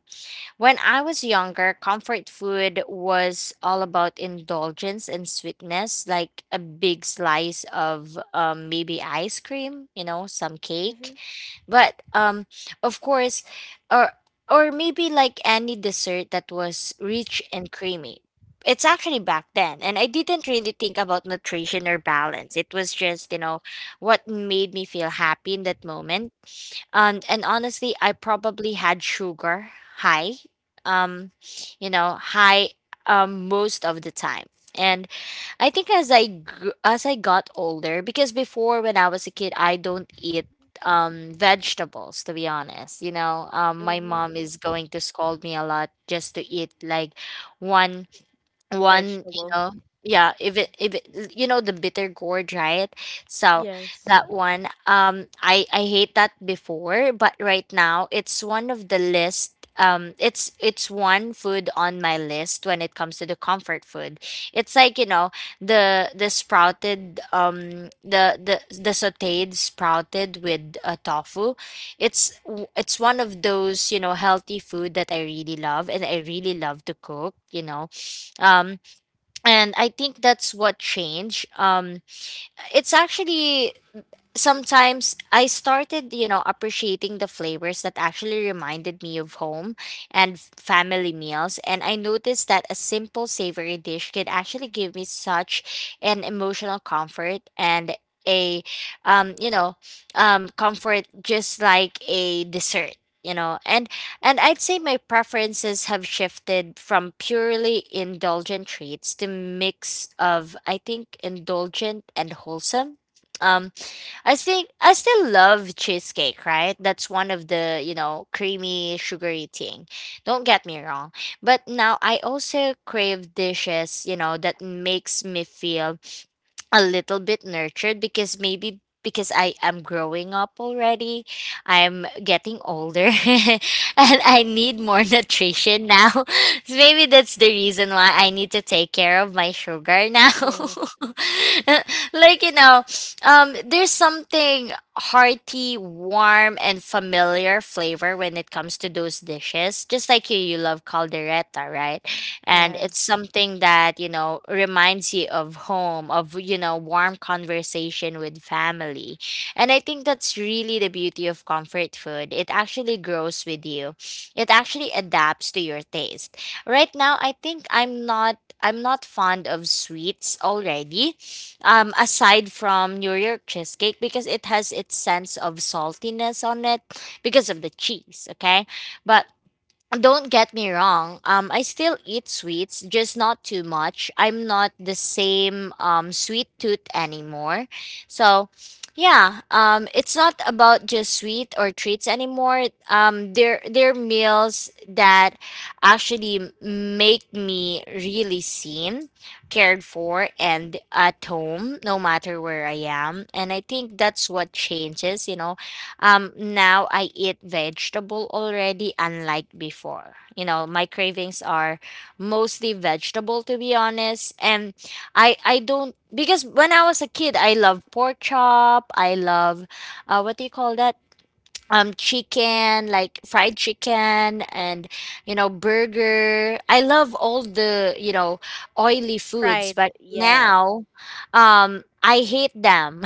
Speaker 2: When I was younger, comfort food was all about indulgence and sweetness, like a big slice of maybe ice cream, you know, some
Speaker 1: Mm-hmm.
Speaker 2: cake. But of course, or or maybe like any dessert that was rich and creamy. It's actually back then, and I didn't really think about nutrition or balance. It was just, you know, what made me feel happy in that moment. Um, and honestly, I probably had sugar high, um, you know, high most of the time. And I think as I got older, because before when I was a kid, I don't eat vegetables to be honest. You know, my
Speaker 1: Mm-hmm.
Speaker 2: mom is going to scold me a lot just to eat like one one you
Speaker 1: Vegetable.
Speaker 2: know Yeah, if it you know, the bitter gourd, right? So
Speaker 1: Yes.
Speaker 2: that one, I hate that before, but right now it's one of the list. It's one food on my list when it comes to the comfort food. It's like, you know, the sprouted, the sauteed sprouted with tofu. It's one of those, you know, healthy food that I really love and I really love to cook, you know. Um, and I think that's what changed. It's actually sometimes I started, you know, appreciating the flavors that actually reminded me of home and family meals. And I noticed that a simple savory dish could actually give me such an emotional comfort and a, um, you know, comfort, just like a dessert. You know, and I'd say my preferences have shifted from purely indulgent treats to mix of, I think, indulgent and wholesome. Um, I think I still love cheesecake, right? That's one of the, you know, creamy, sugary thing. Don't get me wrong. But now I also crave dishes, you know, that makes me feel a little bit nurtured, because maybe because I am growing up already, I'm getting older, and I need more nutrition now. So maybe that's the reason why I need to take care of my sugar now.
Speaker 1: Yes.
Speaker 2: Like, you know, there's something hearty, warm, and familiar flavor when it comes to those dishes. Just like you love caldereta, right? And
Speaker 1: Yeah.
Speaker 2: it's something that, you know, reminds you of home, of, you know, warm conversation with family. And I think that's really the beauty of comfort food. It actually grows with you, it actually adapts to your taste. Right now, I think I'm not fond of sweets already. Aside from New York cheesecake, because it has its sense of saltiness on it, because of the cheese. Okay, but don't get me wrong. I still eat sweets, just not too much. I'm not the same sweet tooth anymore. So, yeah, it's not about just sweet or treats anymore. They're meals that actually make me really seen, cared for, and at home, no matter where I am. And I think that's what changes. You know, now I eat vegetable already, unlike before. You know, my cravings are mostly vegetable, to be honest. And I don't, because when I was a kid, I love pork chop. I love, what do you call that? Chicken, like fried chicken, and you know, burger. I love all the, you know, oily foods.
Speaker 1: Fried.
Speaker 2: But
Speaker 1: Yes.
Speaker 2: now, I hate them.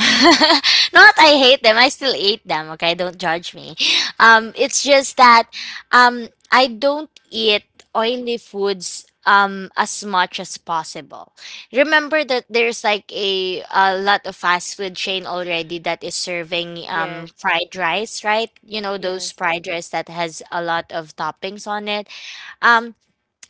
Speaker 2: Not I hate them, I still eat them. Okay, don't judge me. It's just that I don't eat oily foods as much as possible. Remember that there's like a lot of fast food chain already that is serving
Speaker 1: Yes.
Speaker 2: fried rice, right? You know those
Speaker 1: Yes.
Speaker 2: fried rice that has a lot of toppings on it. Um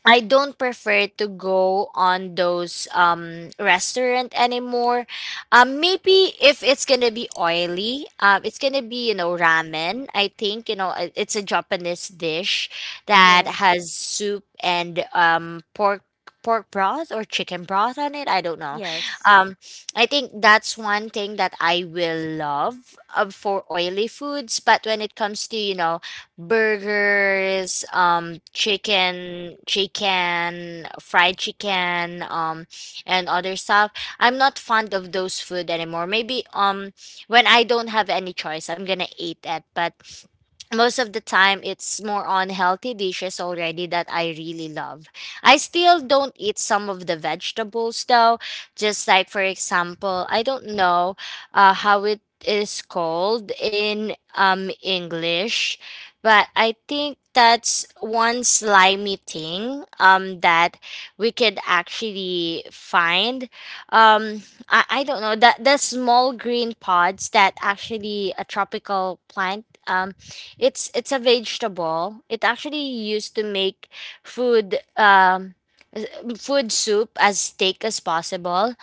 Speaker 2: I don't prefer to go on those restaurant anymore. Maybe if it's gonna be oily, it's gonna be, you know, ramen. I think, you know, it's a Japanese dish that
Speaker 1: Yes.
Speaker 2: has soup and pork, pork broth or chicken broth on it. I don't know.
Speaker 1: Yes.
Speaker 2: Um, I think that's one thing that I will love, for oily foods. But when it comes to, you know, burgers, chicken, fried chicken, and other stuff. I'm not fond of those food anymore. Maybe when I don't have any choice, I'm gonna eat it. But most of the time it's more on healthy dishes already that I really love. I still don't eat some of the vegetables though. Just like, for example, I don't know how it is called in English. But I think that's one slimy thing that we could actually find. Um, I don't know that the small green pods that actually a tropical plant. It's a vegetable. It actually used to make food s- food soup as thick as possible.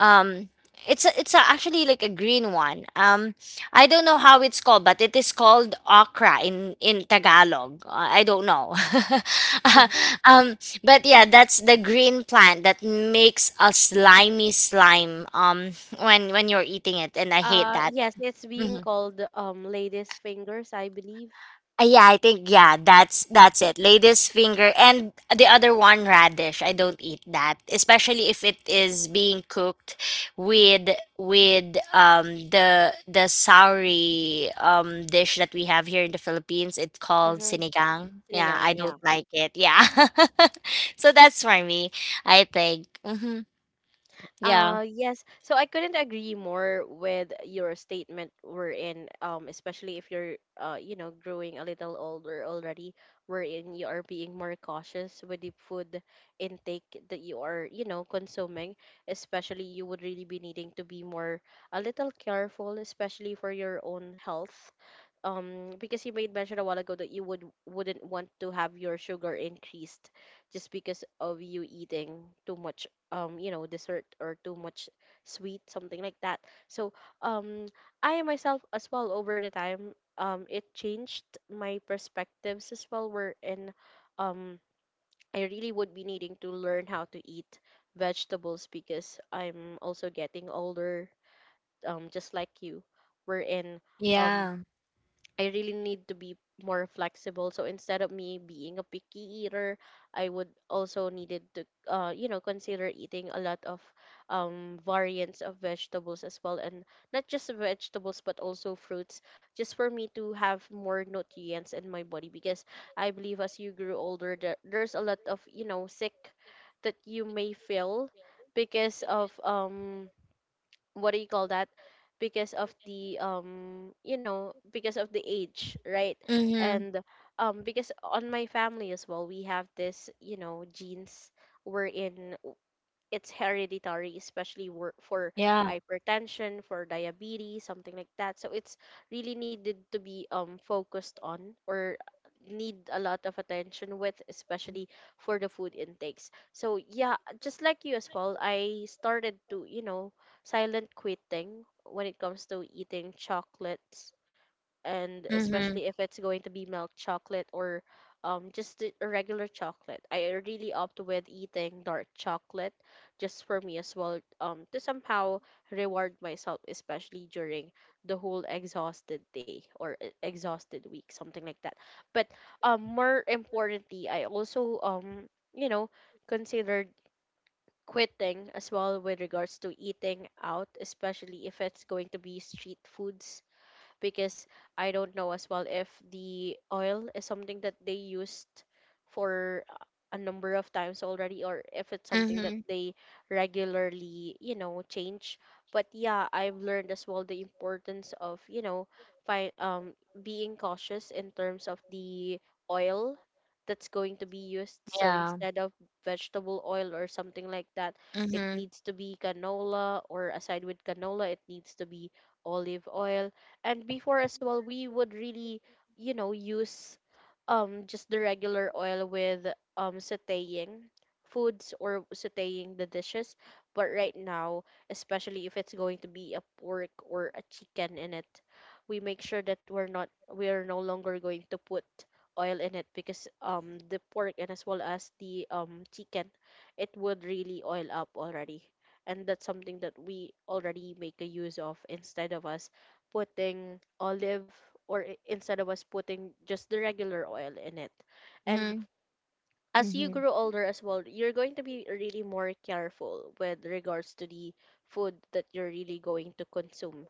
Speaker 2: Um, actually like a green one. I don't know how it's called, but it is called okra in Tagalog. I don't know. um, but yeah, that's the green plant that makes a slimy slime when you're eating it, and I hate that.
Speaker 1: yes, it's
Speaker 2: Mm-hmm.
Speaker 1: being called lady's fingers, I believe.
Speaker 2: Yeah, I think, yeah, that's it. Lady's finger, and the other one radish. I don't eat that, especially if it is being cooked with with the sauri dish that we have here in the Philippines. It's called
Speaker 1: Mm-hmm.
Speaker 2: sinigang. Yeah, I
Speaker 1: Sinigang, yeah.
Speaker 2: don't like it. Yeah, so that's for me. I think. Mm-hmm. Yeah.
Speaker 1: Yes. So I couldn't agree more with your statement wherein, especially if you're, growing a little older already, wherein you are being more cautious with the food intake that you are, consuming. Especially, you would really be needing to be more a little careful, especially for your own health. Because you made mention a while ago that you would wouldn't want to have your sugar increased just because of you eating too much dessert or too much sweet, something like that. So um I myself as well, over the time, it changed my perspectives as well, were in, um I really would be needing to learn how to eat vegetables because I'm also getting older, just like you, we in, um
Speaker 2: Yeah.
Speaker 1: I really need to be more flexible. So instead of me being a picky eater, I would also needed to consider eating a lot of variants of vegetables as well, and not just vegetables but also fruits, just for me to have more nutrients in my body, because I believe as you grew older there, there's a lot of sick that you may feel because of what do you call that, because of the because of the age, right?
Speaker 2: Mm-hmm.
Speaker 1: And because on my family as well, we have this, genes wherein it's hereditary, especially for
Speaker 2: Yeah.
Speaker 1: hypertension, for diabetes, something like that. So it's really needed to be focused on or need a lot of attention with, especially for the food intakes. So yeah, just like you as well, I started to, silent quitting when it comes to eating chocolates, and
Speaker 2: Mm-hmm.
Speaker 1: especially if it's going to be milk chocolate or a regular chocolate. I really opt with eating dark chocolate just for me as well, to somehow reward myself, especially during the whole exhausted day or exhausted week, something like that. But more importantly, I also, you know considered quitting as well with regards to eating out, especially if it's going to be street foods, because I don't know as well if the oil is something that they used for a number of times already, or if it's something that
Speaker 2: Mm-hmm.
Speaker 1: they regularly, change. But yeah, I've learned as well the importance of, fi- um being cautious in terms of the oil that's going to be used. So
Speaker 2: Yeah.
Speaker 1: instead of vegetable oil or something like that, it
Speaker 2: Mm-hmm.
Speaker 1: needs to be canola, or aside with canola, it needs to be olive oil. And before as well, we would really, use just the regular oil with sauteing foods or sauteing the dishes, but right now, especially if it's going to be a pork or a chicken in it, we make sure that we are no longer going to put oil in it, because the pork and as well as the chicken, it would really oil up already, and that's something that we already make a use of instead of us putting olive, or instead of us putting just the regular oil in it. And
Speaker 2: Mm-hmm.
Speaker 1: as you
Speaker 2: Mm-hmm.
Speaker 1: grow older as well, you're going to be really more careful with regards to the food that you're really going to consume,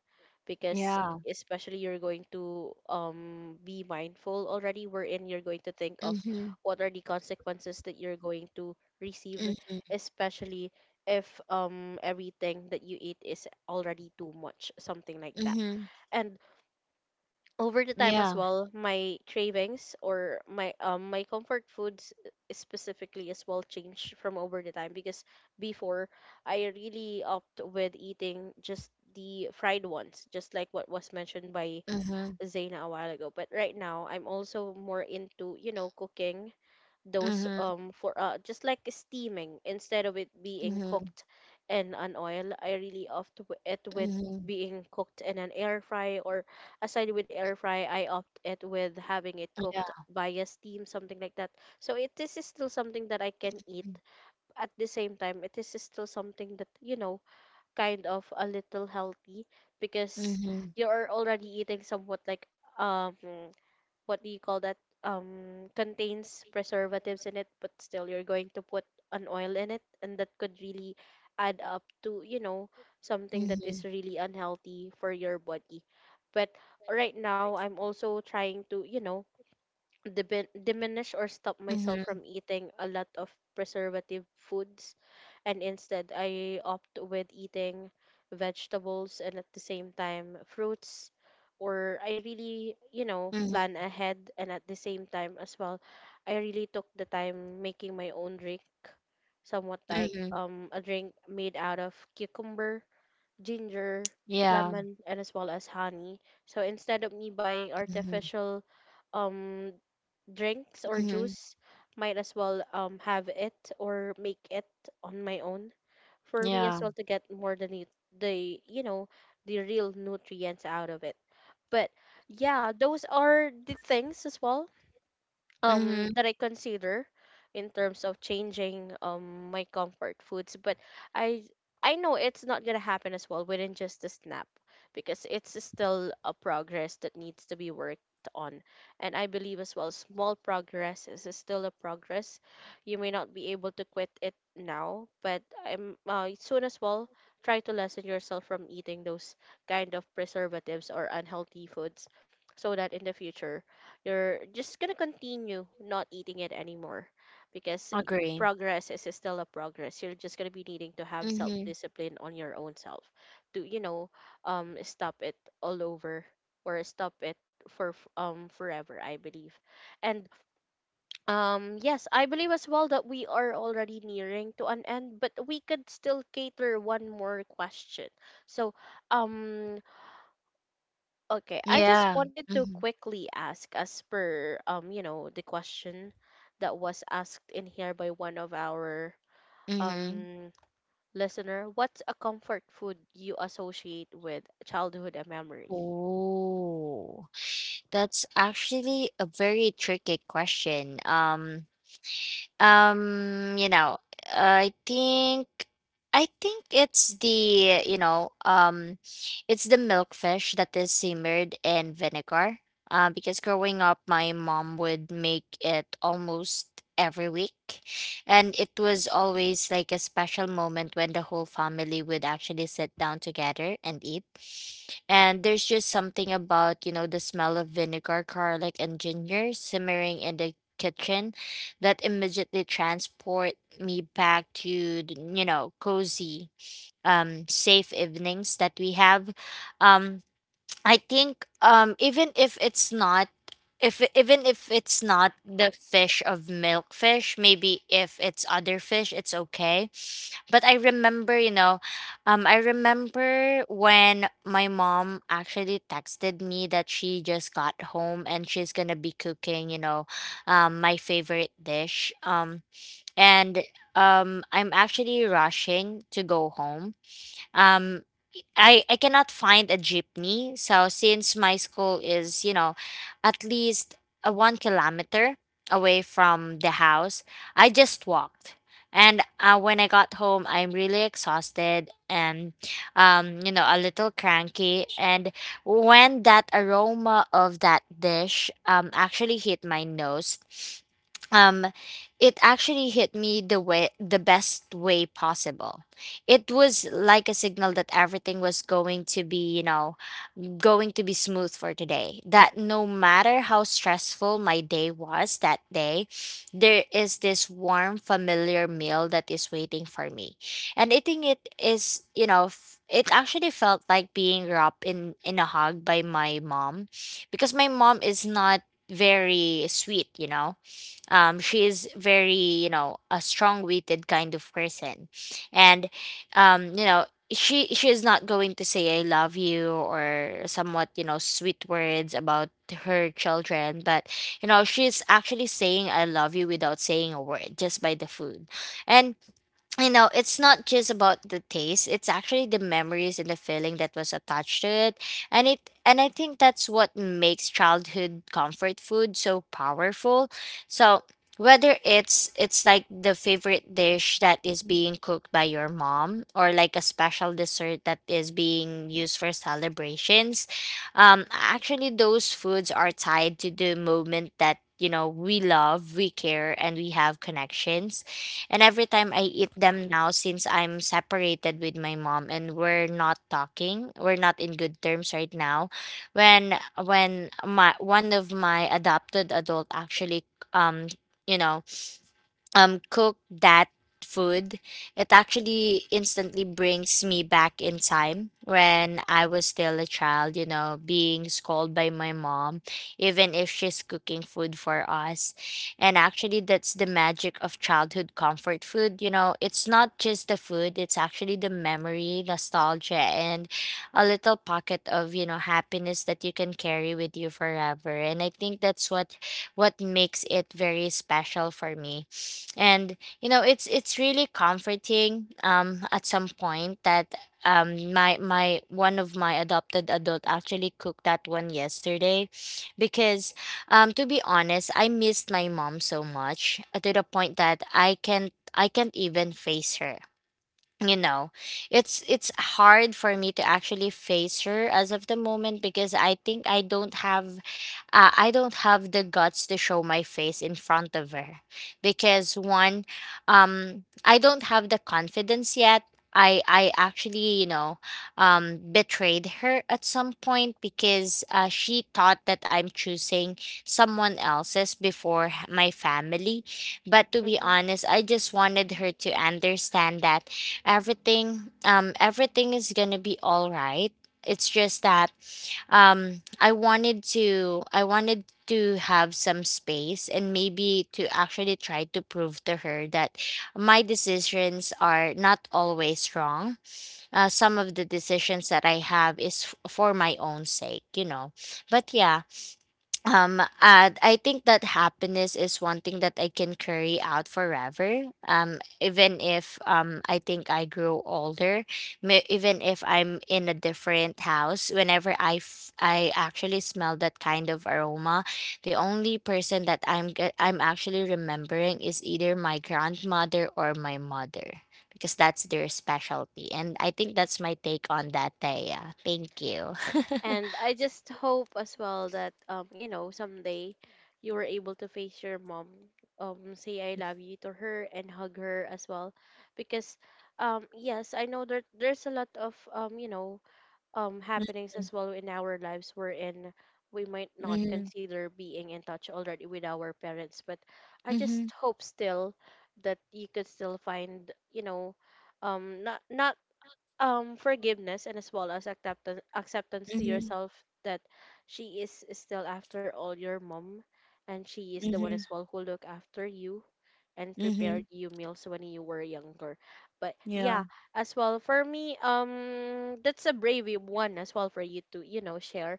Speaker 1: because
Speaker 2: Yeah.
Speaker 1: especially you're going to be mindful already wherein you're going to think of
Speaker 2: Mhm,
Speaker 1: what are the consequences that you're going to receive,
Speaker 2: mhm,
Speaker 1: especially if everything that you eat is already too much, something like that.
Speaker 2: mhm.
Speaker 1: And over the time as
Speaker 2: Yeah.
Speaker 1: well, my cravings or my my comfort foods, specifically as well, changed from over the time, because before I really opt with eating just the fried ones, just like what was mentioned by
Speaker 2: Mhm,
Speaker 1: Zaina a while ago, but right now I'm also more into, cooking those
Speaker 2: mhm,
Speaker 1: for just like steaming instead of it being
Speaker 2: mhm,
Speaker 1: cooked in an oil. I really opt it with
Speaker 2: mhm.
Speaker 1: being cooked in an air fry, or aside with air fry, I opt it with having it
Speaker 2: Yeah.
Speaker 1: cooked via steam, something like that. So it, this is still something that I can eat,
Speaker 2: Mhm,
Speaker 1: at the same time it is still something that, kind of a little healthy, because
Speaker 2: mhm,
Speaker 1: you are already eating somewhat like um what do you call that, contains preservatives in it, but still you're going to put an oil in it, and that could really add up to, something that is
Speaker 2: mhm,
Speaker 1: really unhealthy for your body. But right now I'm also trying to, diminish or stop myself from eating a lot of preservative foods, and instead I opt with eating vegetables and at the same time fruits, or I really,
Speaker 2: mhm,
Speaker 1: plan ahead, and at the same time as well, I really took the time making my own drink, somewhat like
Speaker 2: mhm.
Speaker 1: a drink made out of cucumber, ginger,
Speaker 2: Yeah.
Speaker 1: lemon, and as well as honey. So instead of me buying
Speaker 2: Mhm,
Speaker 1: artificial um drinks or
Speaker 2: mhm.
Speaker 1: juice, might as well have it or make it on my own, for me as
Speaker 2: Yeah.
Speaker 1: well to get more than the the you know the real nutrients out of it. But yeah, those are the things as well
Speaker 2: Mhm.
Speaker 1: that I consider in terms of changing my comfort foods, but I I know it's not gonna happen as well within just a snap, because it's still a progress that needs to be worked on, and I believe as well small progress is still a progress. You may not be able to quit it now, but I'm, soon as well, try to lessen yourself from eating those kind of preservatives or unhealthy foods, so that in the future you're just gonna continue not eating it anymore, because
Speaker 2: Agree.
Speaker 1: progress is still a progress. You're just gonna be needing to have self
Speaker 2: Mhm.
Speaker 1: discipline on your own self to, stop it all over, or stop it for forever, I believe. And yes, I believe as well that we are already nearing to an end, but we could still cater one more question. So um okay, I just
Speaker 2: Yeah.
Speaker 1: wanted to
Speaker 2: Mhm,
Speaker 1: quickly ask, as per the question that was asked in here by one of our
Speaker 2: mhm.
Speaker 1: um listener, what's a comfort food you associate with childhood and memory?
Speaker 2: Oh, that's actually a very tricky question. You know, I think I think it's the, you know, it's the milkfish that is simmered in vinegar. Because growing up my mom would make it almost every week. And it was always like a special moment when the whole family would actually sit down together and eat. And there's just something about, you know, the smell of vinegar, garlic, and ginger simmering in the kitchen that immediately transport me back to the, you know, cozy safe evenings that we have. um I think even if it's not the fish of milkfish, maybe if it's other fish, it's okay. But I remember, you know, I remember when my mom actually texted me that she just got home and she's gonna be cooking, you know, my favorite dish. And I'm actually rushing to go home. um, I cannot find a jeepney. So since my school is, you know, at least a 1 kilometer away from the house, I just walked. And when I got home, I'm really exhausted and, you know, a little cranky. And when that aroma of that dish actually hit my nose, um, it actually hit me the way the best way possible. It was like a signal that everything was going to be, you know, going to be smooth for today. That no matter how stressful my day was that day, there is this warm, familiar meal that is waiting for me. And eating it is, you know, it actually felt like being wrapped in a hug by my mom, because my mom is not very sweet, you know. She is very, you know, a strong-witted kind of person. And you know, she is not going to say I love you or somewhat, you know, sweet words about her children, but you know, she's actually saying I love you without saying a word, just by the food. And you know, it's not just about the taste, it's actually the memories and the feeling that was attached to it. And I think that's what makes childhood comfort food so powerful. So whether it's like the favorite dish that is being cooked by your mom, or like a special dessert that is being used for celebrations, actually those foods are tied to the moment that, you know, we love, we care, and we have connections. And every time I eat them now, since I'm separated with my mom and we're not talking, we're not in good terms right now. When my one of my adopted adult actually um you know cook that food, it actually instantly brings me back in time when I was still a child, you know, being scolded by my mom, even if she's cooking food for us. And actually, that's the magic of childhood comfort food. You know, it's not just the food, it's actually the memory, nostalgia, and a little pocket of, you know, happiness that you can carry with you forever. And I think that's what makes it very special for me. And you know, it's really comforting at some point that my my one of my adopted adult actually cooked that one yesterday, because to be honest, I missed my mom so much, to the point that I can't even face her, you know. It's hard for me to actually face her as of the moment, because I think I don't have, I don't have the guts to show my face in front of her. Because one, I don't have the confidence yet. I actually, you know, betrayed her at some point, because she thought that I'm choosing someone else's before my family. But to be
Speaker 1: Hmm.
Speaker 2: honest, I just wanted her to understand that everything, everything is gonna be all right. It's just that, I wanted to, I wanted to have some space and maybe to actually try to prove to her that my decisions are not always wrong. Some of the decisions that I have is for my own sake, you know. But yeah, um uh, I think that happiness is one thing that I can carry out forever, even if, I think I grow older. Even if I'm in a different house, whenever I actually smell that kind of aroma, the only person that I'm actually remembering is either my grandmother or my mother, because that's their specialty. And I think that's my take on that, Taya. Thank you.
Speaker 1: And I just hope as well that, someday you were able to face your mom, say I love you to her, and hug her as well, because yes, I know that there's a lot of happenings as well in our lives wherein we might not
Speaker 2: Mm-hmm.
Speaker 1: consider being in touch already with our parents, but I just
Speaker 2: Mm-hmm.
Speaker 1: hope still that you could still find, not, forgiveness and as well as acceptance, acceptance to yourself, that she is still after all your mom, and she is the one
Speaker 2: Mm-hmm.
Speaker 1: as well who look after you and
Speaker 2: Mhm.
Speaker 1: prepared you meals when you were younger. But
Speaker 2: Yeah.
Speaker 1: yeah, as well for me, that's a brave one as well for you to, share.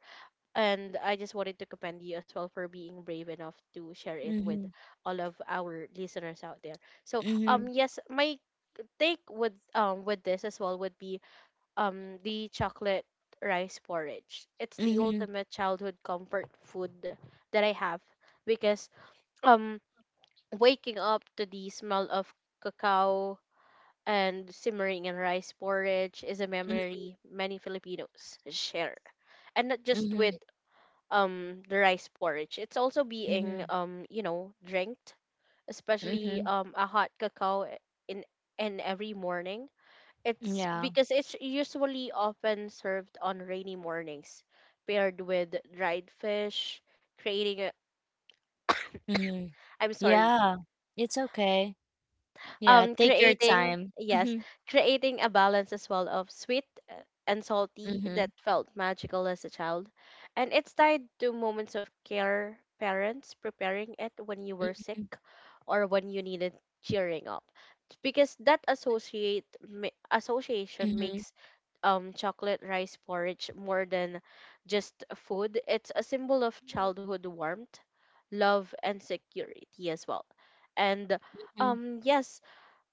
Speaker 1: And I just wanted to commend you as well for being brave enough to share it with
Speaker 2: Mhm.
Speaker 1: all of our listeners out there. So
Speaker 2: Mhm.
Speaker 1: yes, my take with this as well would be the chocolate rice porridge. It's the
Speaker 2: Mhm.
Speaker 1: ultimate childhood comfort food that I have, because um waking up to the smell of cacao and simmering in rice porridge is a
Speaker 2: Mm.
Speaker 1: memory many Filipinos share. And not just with
Speaker 2: Mhm.
Speaker 1: the rice porridge. It's also being,
Speaker 2: Mhm.
Speaker 1: drinked, especially
Speaker 2: Mhm.
Speaker 1: a hot cacao in in every morning. It's
Speaker 2: Yeah.
Speaker 1: because it's usually often served on rainy mornings, paired with dried fish, creating a
Speaker 2: Mhm.
Speaker 1: I'm sorry,
Speaker 2: Yeah. It's okay. Yeah. Take your
Speaker 1: creating,
Speaker 2: time.
Speaker 1: yes,
Speaker 2: Mhm.
Speaker 1: creating a balance as well of sweet, uh, and salty, that
Speaker 2: Mhm.
Speaker 1: felt magical as a child, and it's tied to moments of care, parents preparing it when you were sick or when you needed cheering up, because that associate, association
Speaker 2: Mhm.
Speaker 1: makes chocolate rice porridge more than just food. It's a symbol of childhood warmth, love, and security as well. And
Speaker 2: Mhm.
Speaker 1: yes,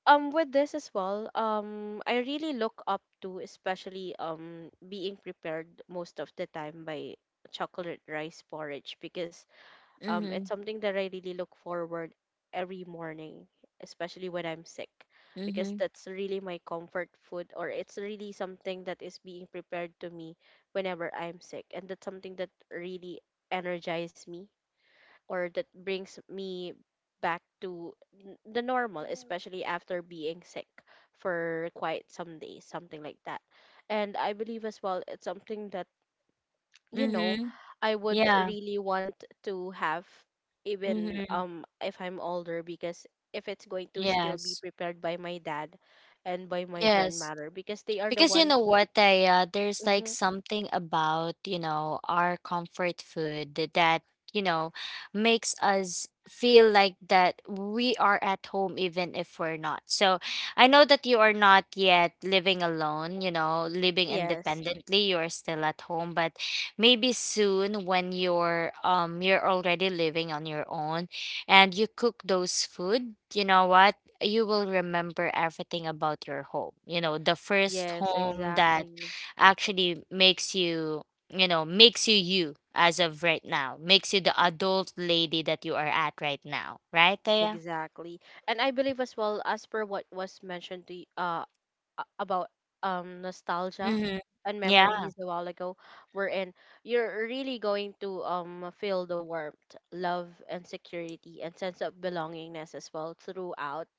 Speaker 1: with this as well, I really look up to, especially being prepared most of the time by chocolate rice porridge, because it's
Speaker 2: Mhm.
Speaker 1: something that I really look forward every morning, especially when I'm sick, because
Speaker 2: Mhm.
Speaker 1: that's really my comfort food, or it's really something that is being prepared to me whenever I'm sick, and that's something that really energizes me or that brings me back to the normal, especially after being sick for quite some days, something like that. And I believe as well, it's something that, you know,
Speaker 2: Mhm.
Speaker 1: I would
Speaker 2: Yeah.
Speaker 1: really want to have, even
Speaker 2: Mhm.
Speaker 1: if I'm older, because if it's going to still be
Speaker 2: Yes.
Speaker 1: prepared by my dad and by my
Speaker 2: Yes.
Speaker 1: grandmother, because they are the
Speaker 2: Because you
Speaker 1: one.
Speaker 2: know what, Taya, there's like
Speaker 1: Mhm.
Speaker 2: something about, you know, our comfort food that, you know, makes us feel like that we are at home even if we're not. So I know that you are not yet living alone, you know, living
Speaker 1: Yes,
Speaker 2: independently, you are still at home, but maybe soon when you're, you're already living on your own and you cook those food, you know what? You will remember everything about your home. You know, the first
Speaker 1: yes,
Speaker 2: home that
Speaker 1: exactly.
Speaker 2: actually makes you, you know, makes you you as of right now, makes you the adult lady that you are at right now. Right, Taya?
Speaker 1: Exactly. And I believe as well, as per what was mentioned to about nostalgia
Speaker 2: Mm-hmm.
Speaker 1: and
Speaker 2: Yeah.
Speaker 1: memories a while ago, wherein you're really going to feel the warmth, love, and security and sense of belongingness as well throughout,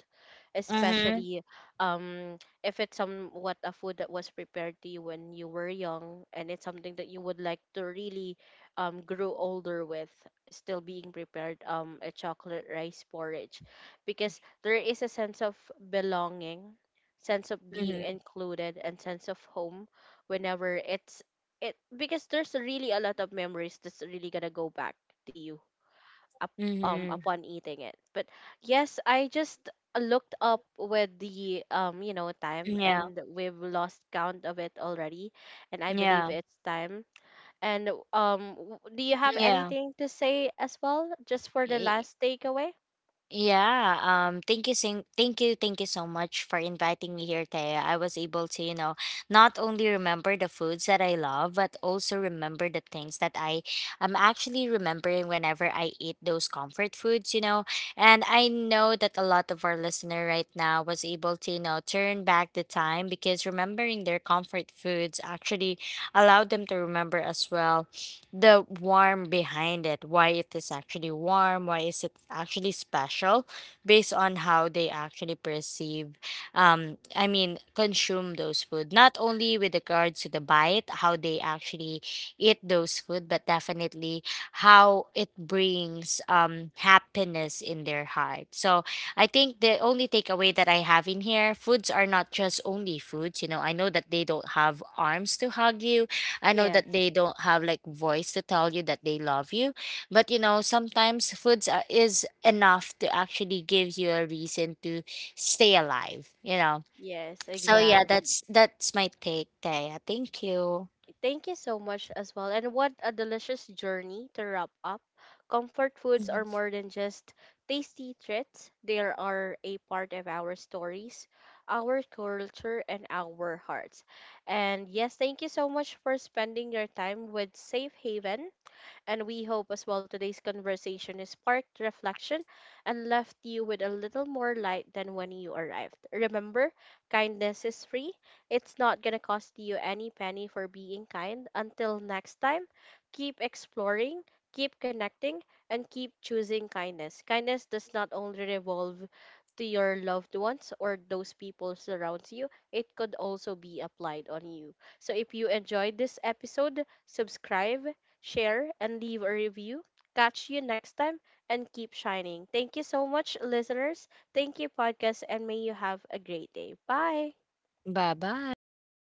Speaker 2: Mm-hmm.
Speaker 1: especially if it's somewhat a food that was prepared to you when you were young, and it's something that you would like to really grow older with, still being prepared a chocolate rice porridge, because there is a sense of belonging, sense of being
Speaker 2: Mm-hmm.
Speaker 1: included, and sense of home whenever it's, it because there's really a lot of memories that's really gonna go back to you up,
Speaker 2: Mm-hmm.
Speaker 1: upon eating it. But yes, I just looked up with the time,
Speaker 2: Yeah.
Speaker 1: and we've lost count of it already, and I believe
Speaker 2: Yeah.
Speaker 1: it's time. And do you have anything to say as well just for the
Speaker 2: Yeah.
Speaker 1: last takeaway?
Speaker 2: Yeah, thank you thank you so much for inviting me here, Taya. I was able to, you know, not only remember the foods that I love but also remember the things that I am actually remembering whenever I eat those comfort foods, you know. And I know that a lot of our listener right now was able to, you know, turn back the time, because remembering their comfort foods actually allowed them to remember as well the warm behind it, why it is actually warm, why is it actually special based on how they actually perceive, I mean consume those food. Not only with regards to the bite, how they actually eat those food, but definitely how it brings, happiness in their heart. So I think the only takeaway that I have in here, foods are not just only foods. You know, I know that they don't have arms to hug you, I know that they
Speaker 1: Yes.
Speaker 2: don't have like voice to tell you that they love you, but you know sometimes foods are, is enough to actually give you a reason to stay alive. You know,
Speaker 1: Yes,
Speaker 2: so yeah,
Speaker 1: exactly.
Speaker 2: that's my take, Taya. Thank you.
Speaker 1: Thank you so much as well. And what a delicious journey to wrap up. Comfort foods are more than just tasty treats, they are a part of our stories, our culture, and our hearts. And yes, thank you so much for spending your time with Safe Haven. And we hope as well today's conversation is sparked reflection and left you with a little more light than when you arrived. Remember, kindness is free. It's not going to cost you any penny for being kind. Until next time, keep exploring, keep connecting, and keep choosing kindness. Kindness does not only revolve to your loved ones or those people surrounds you, it could also be applied on you. So if you enjoyed this episode, subscribe, share, and leave a review. Catch you next time and keep shining. Thank you so much, listeners. Thank you, podcast, and may you have a great day. Bye.
Speaker 2: Bye bye. Thank you.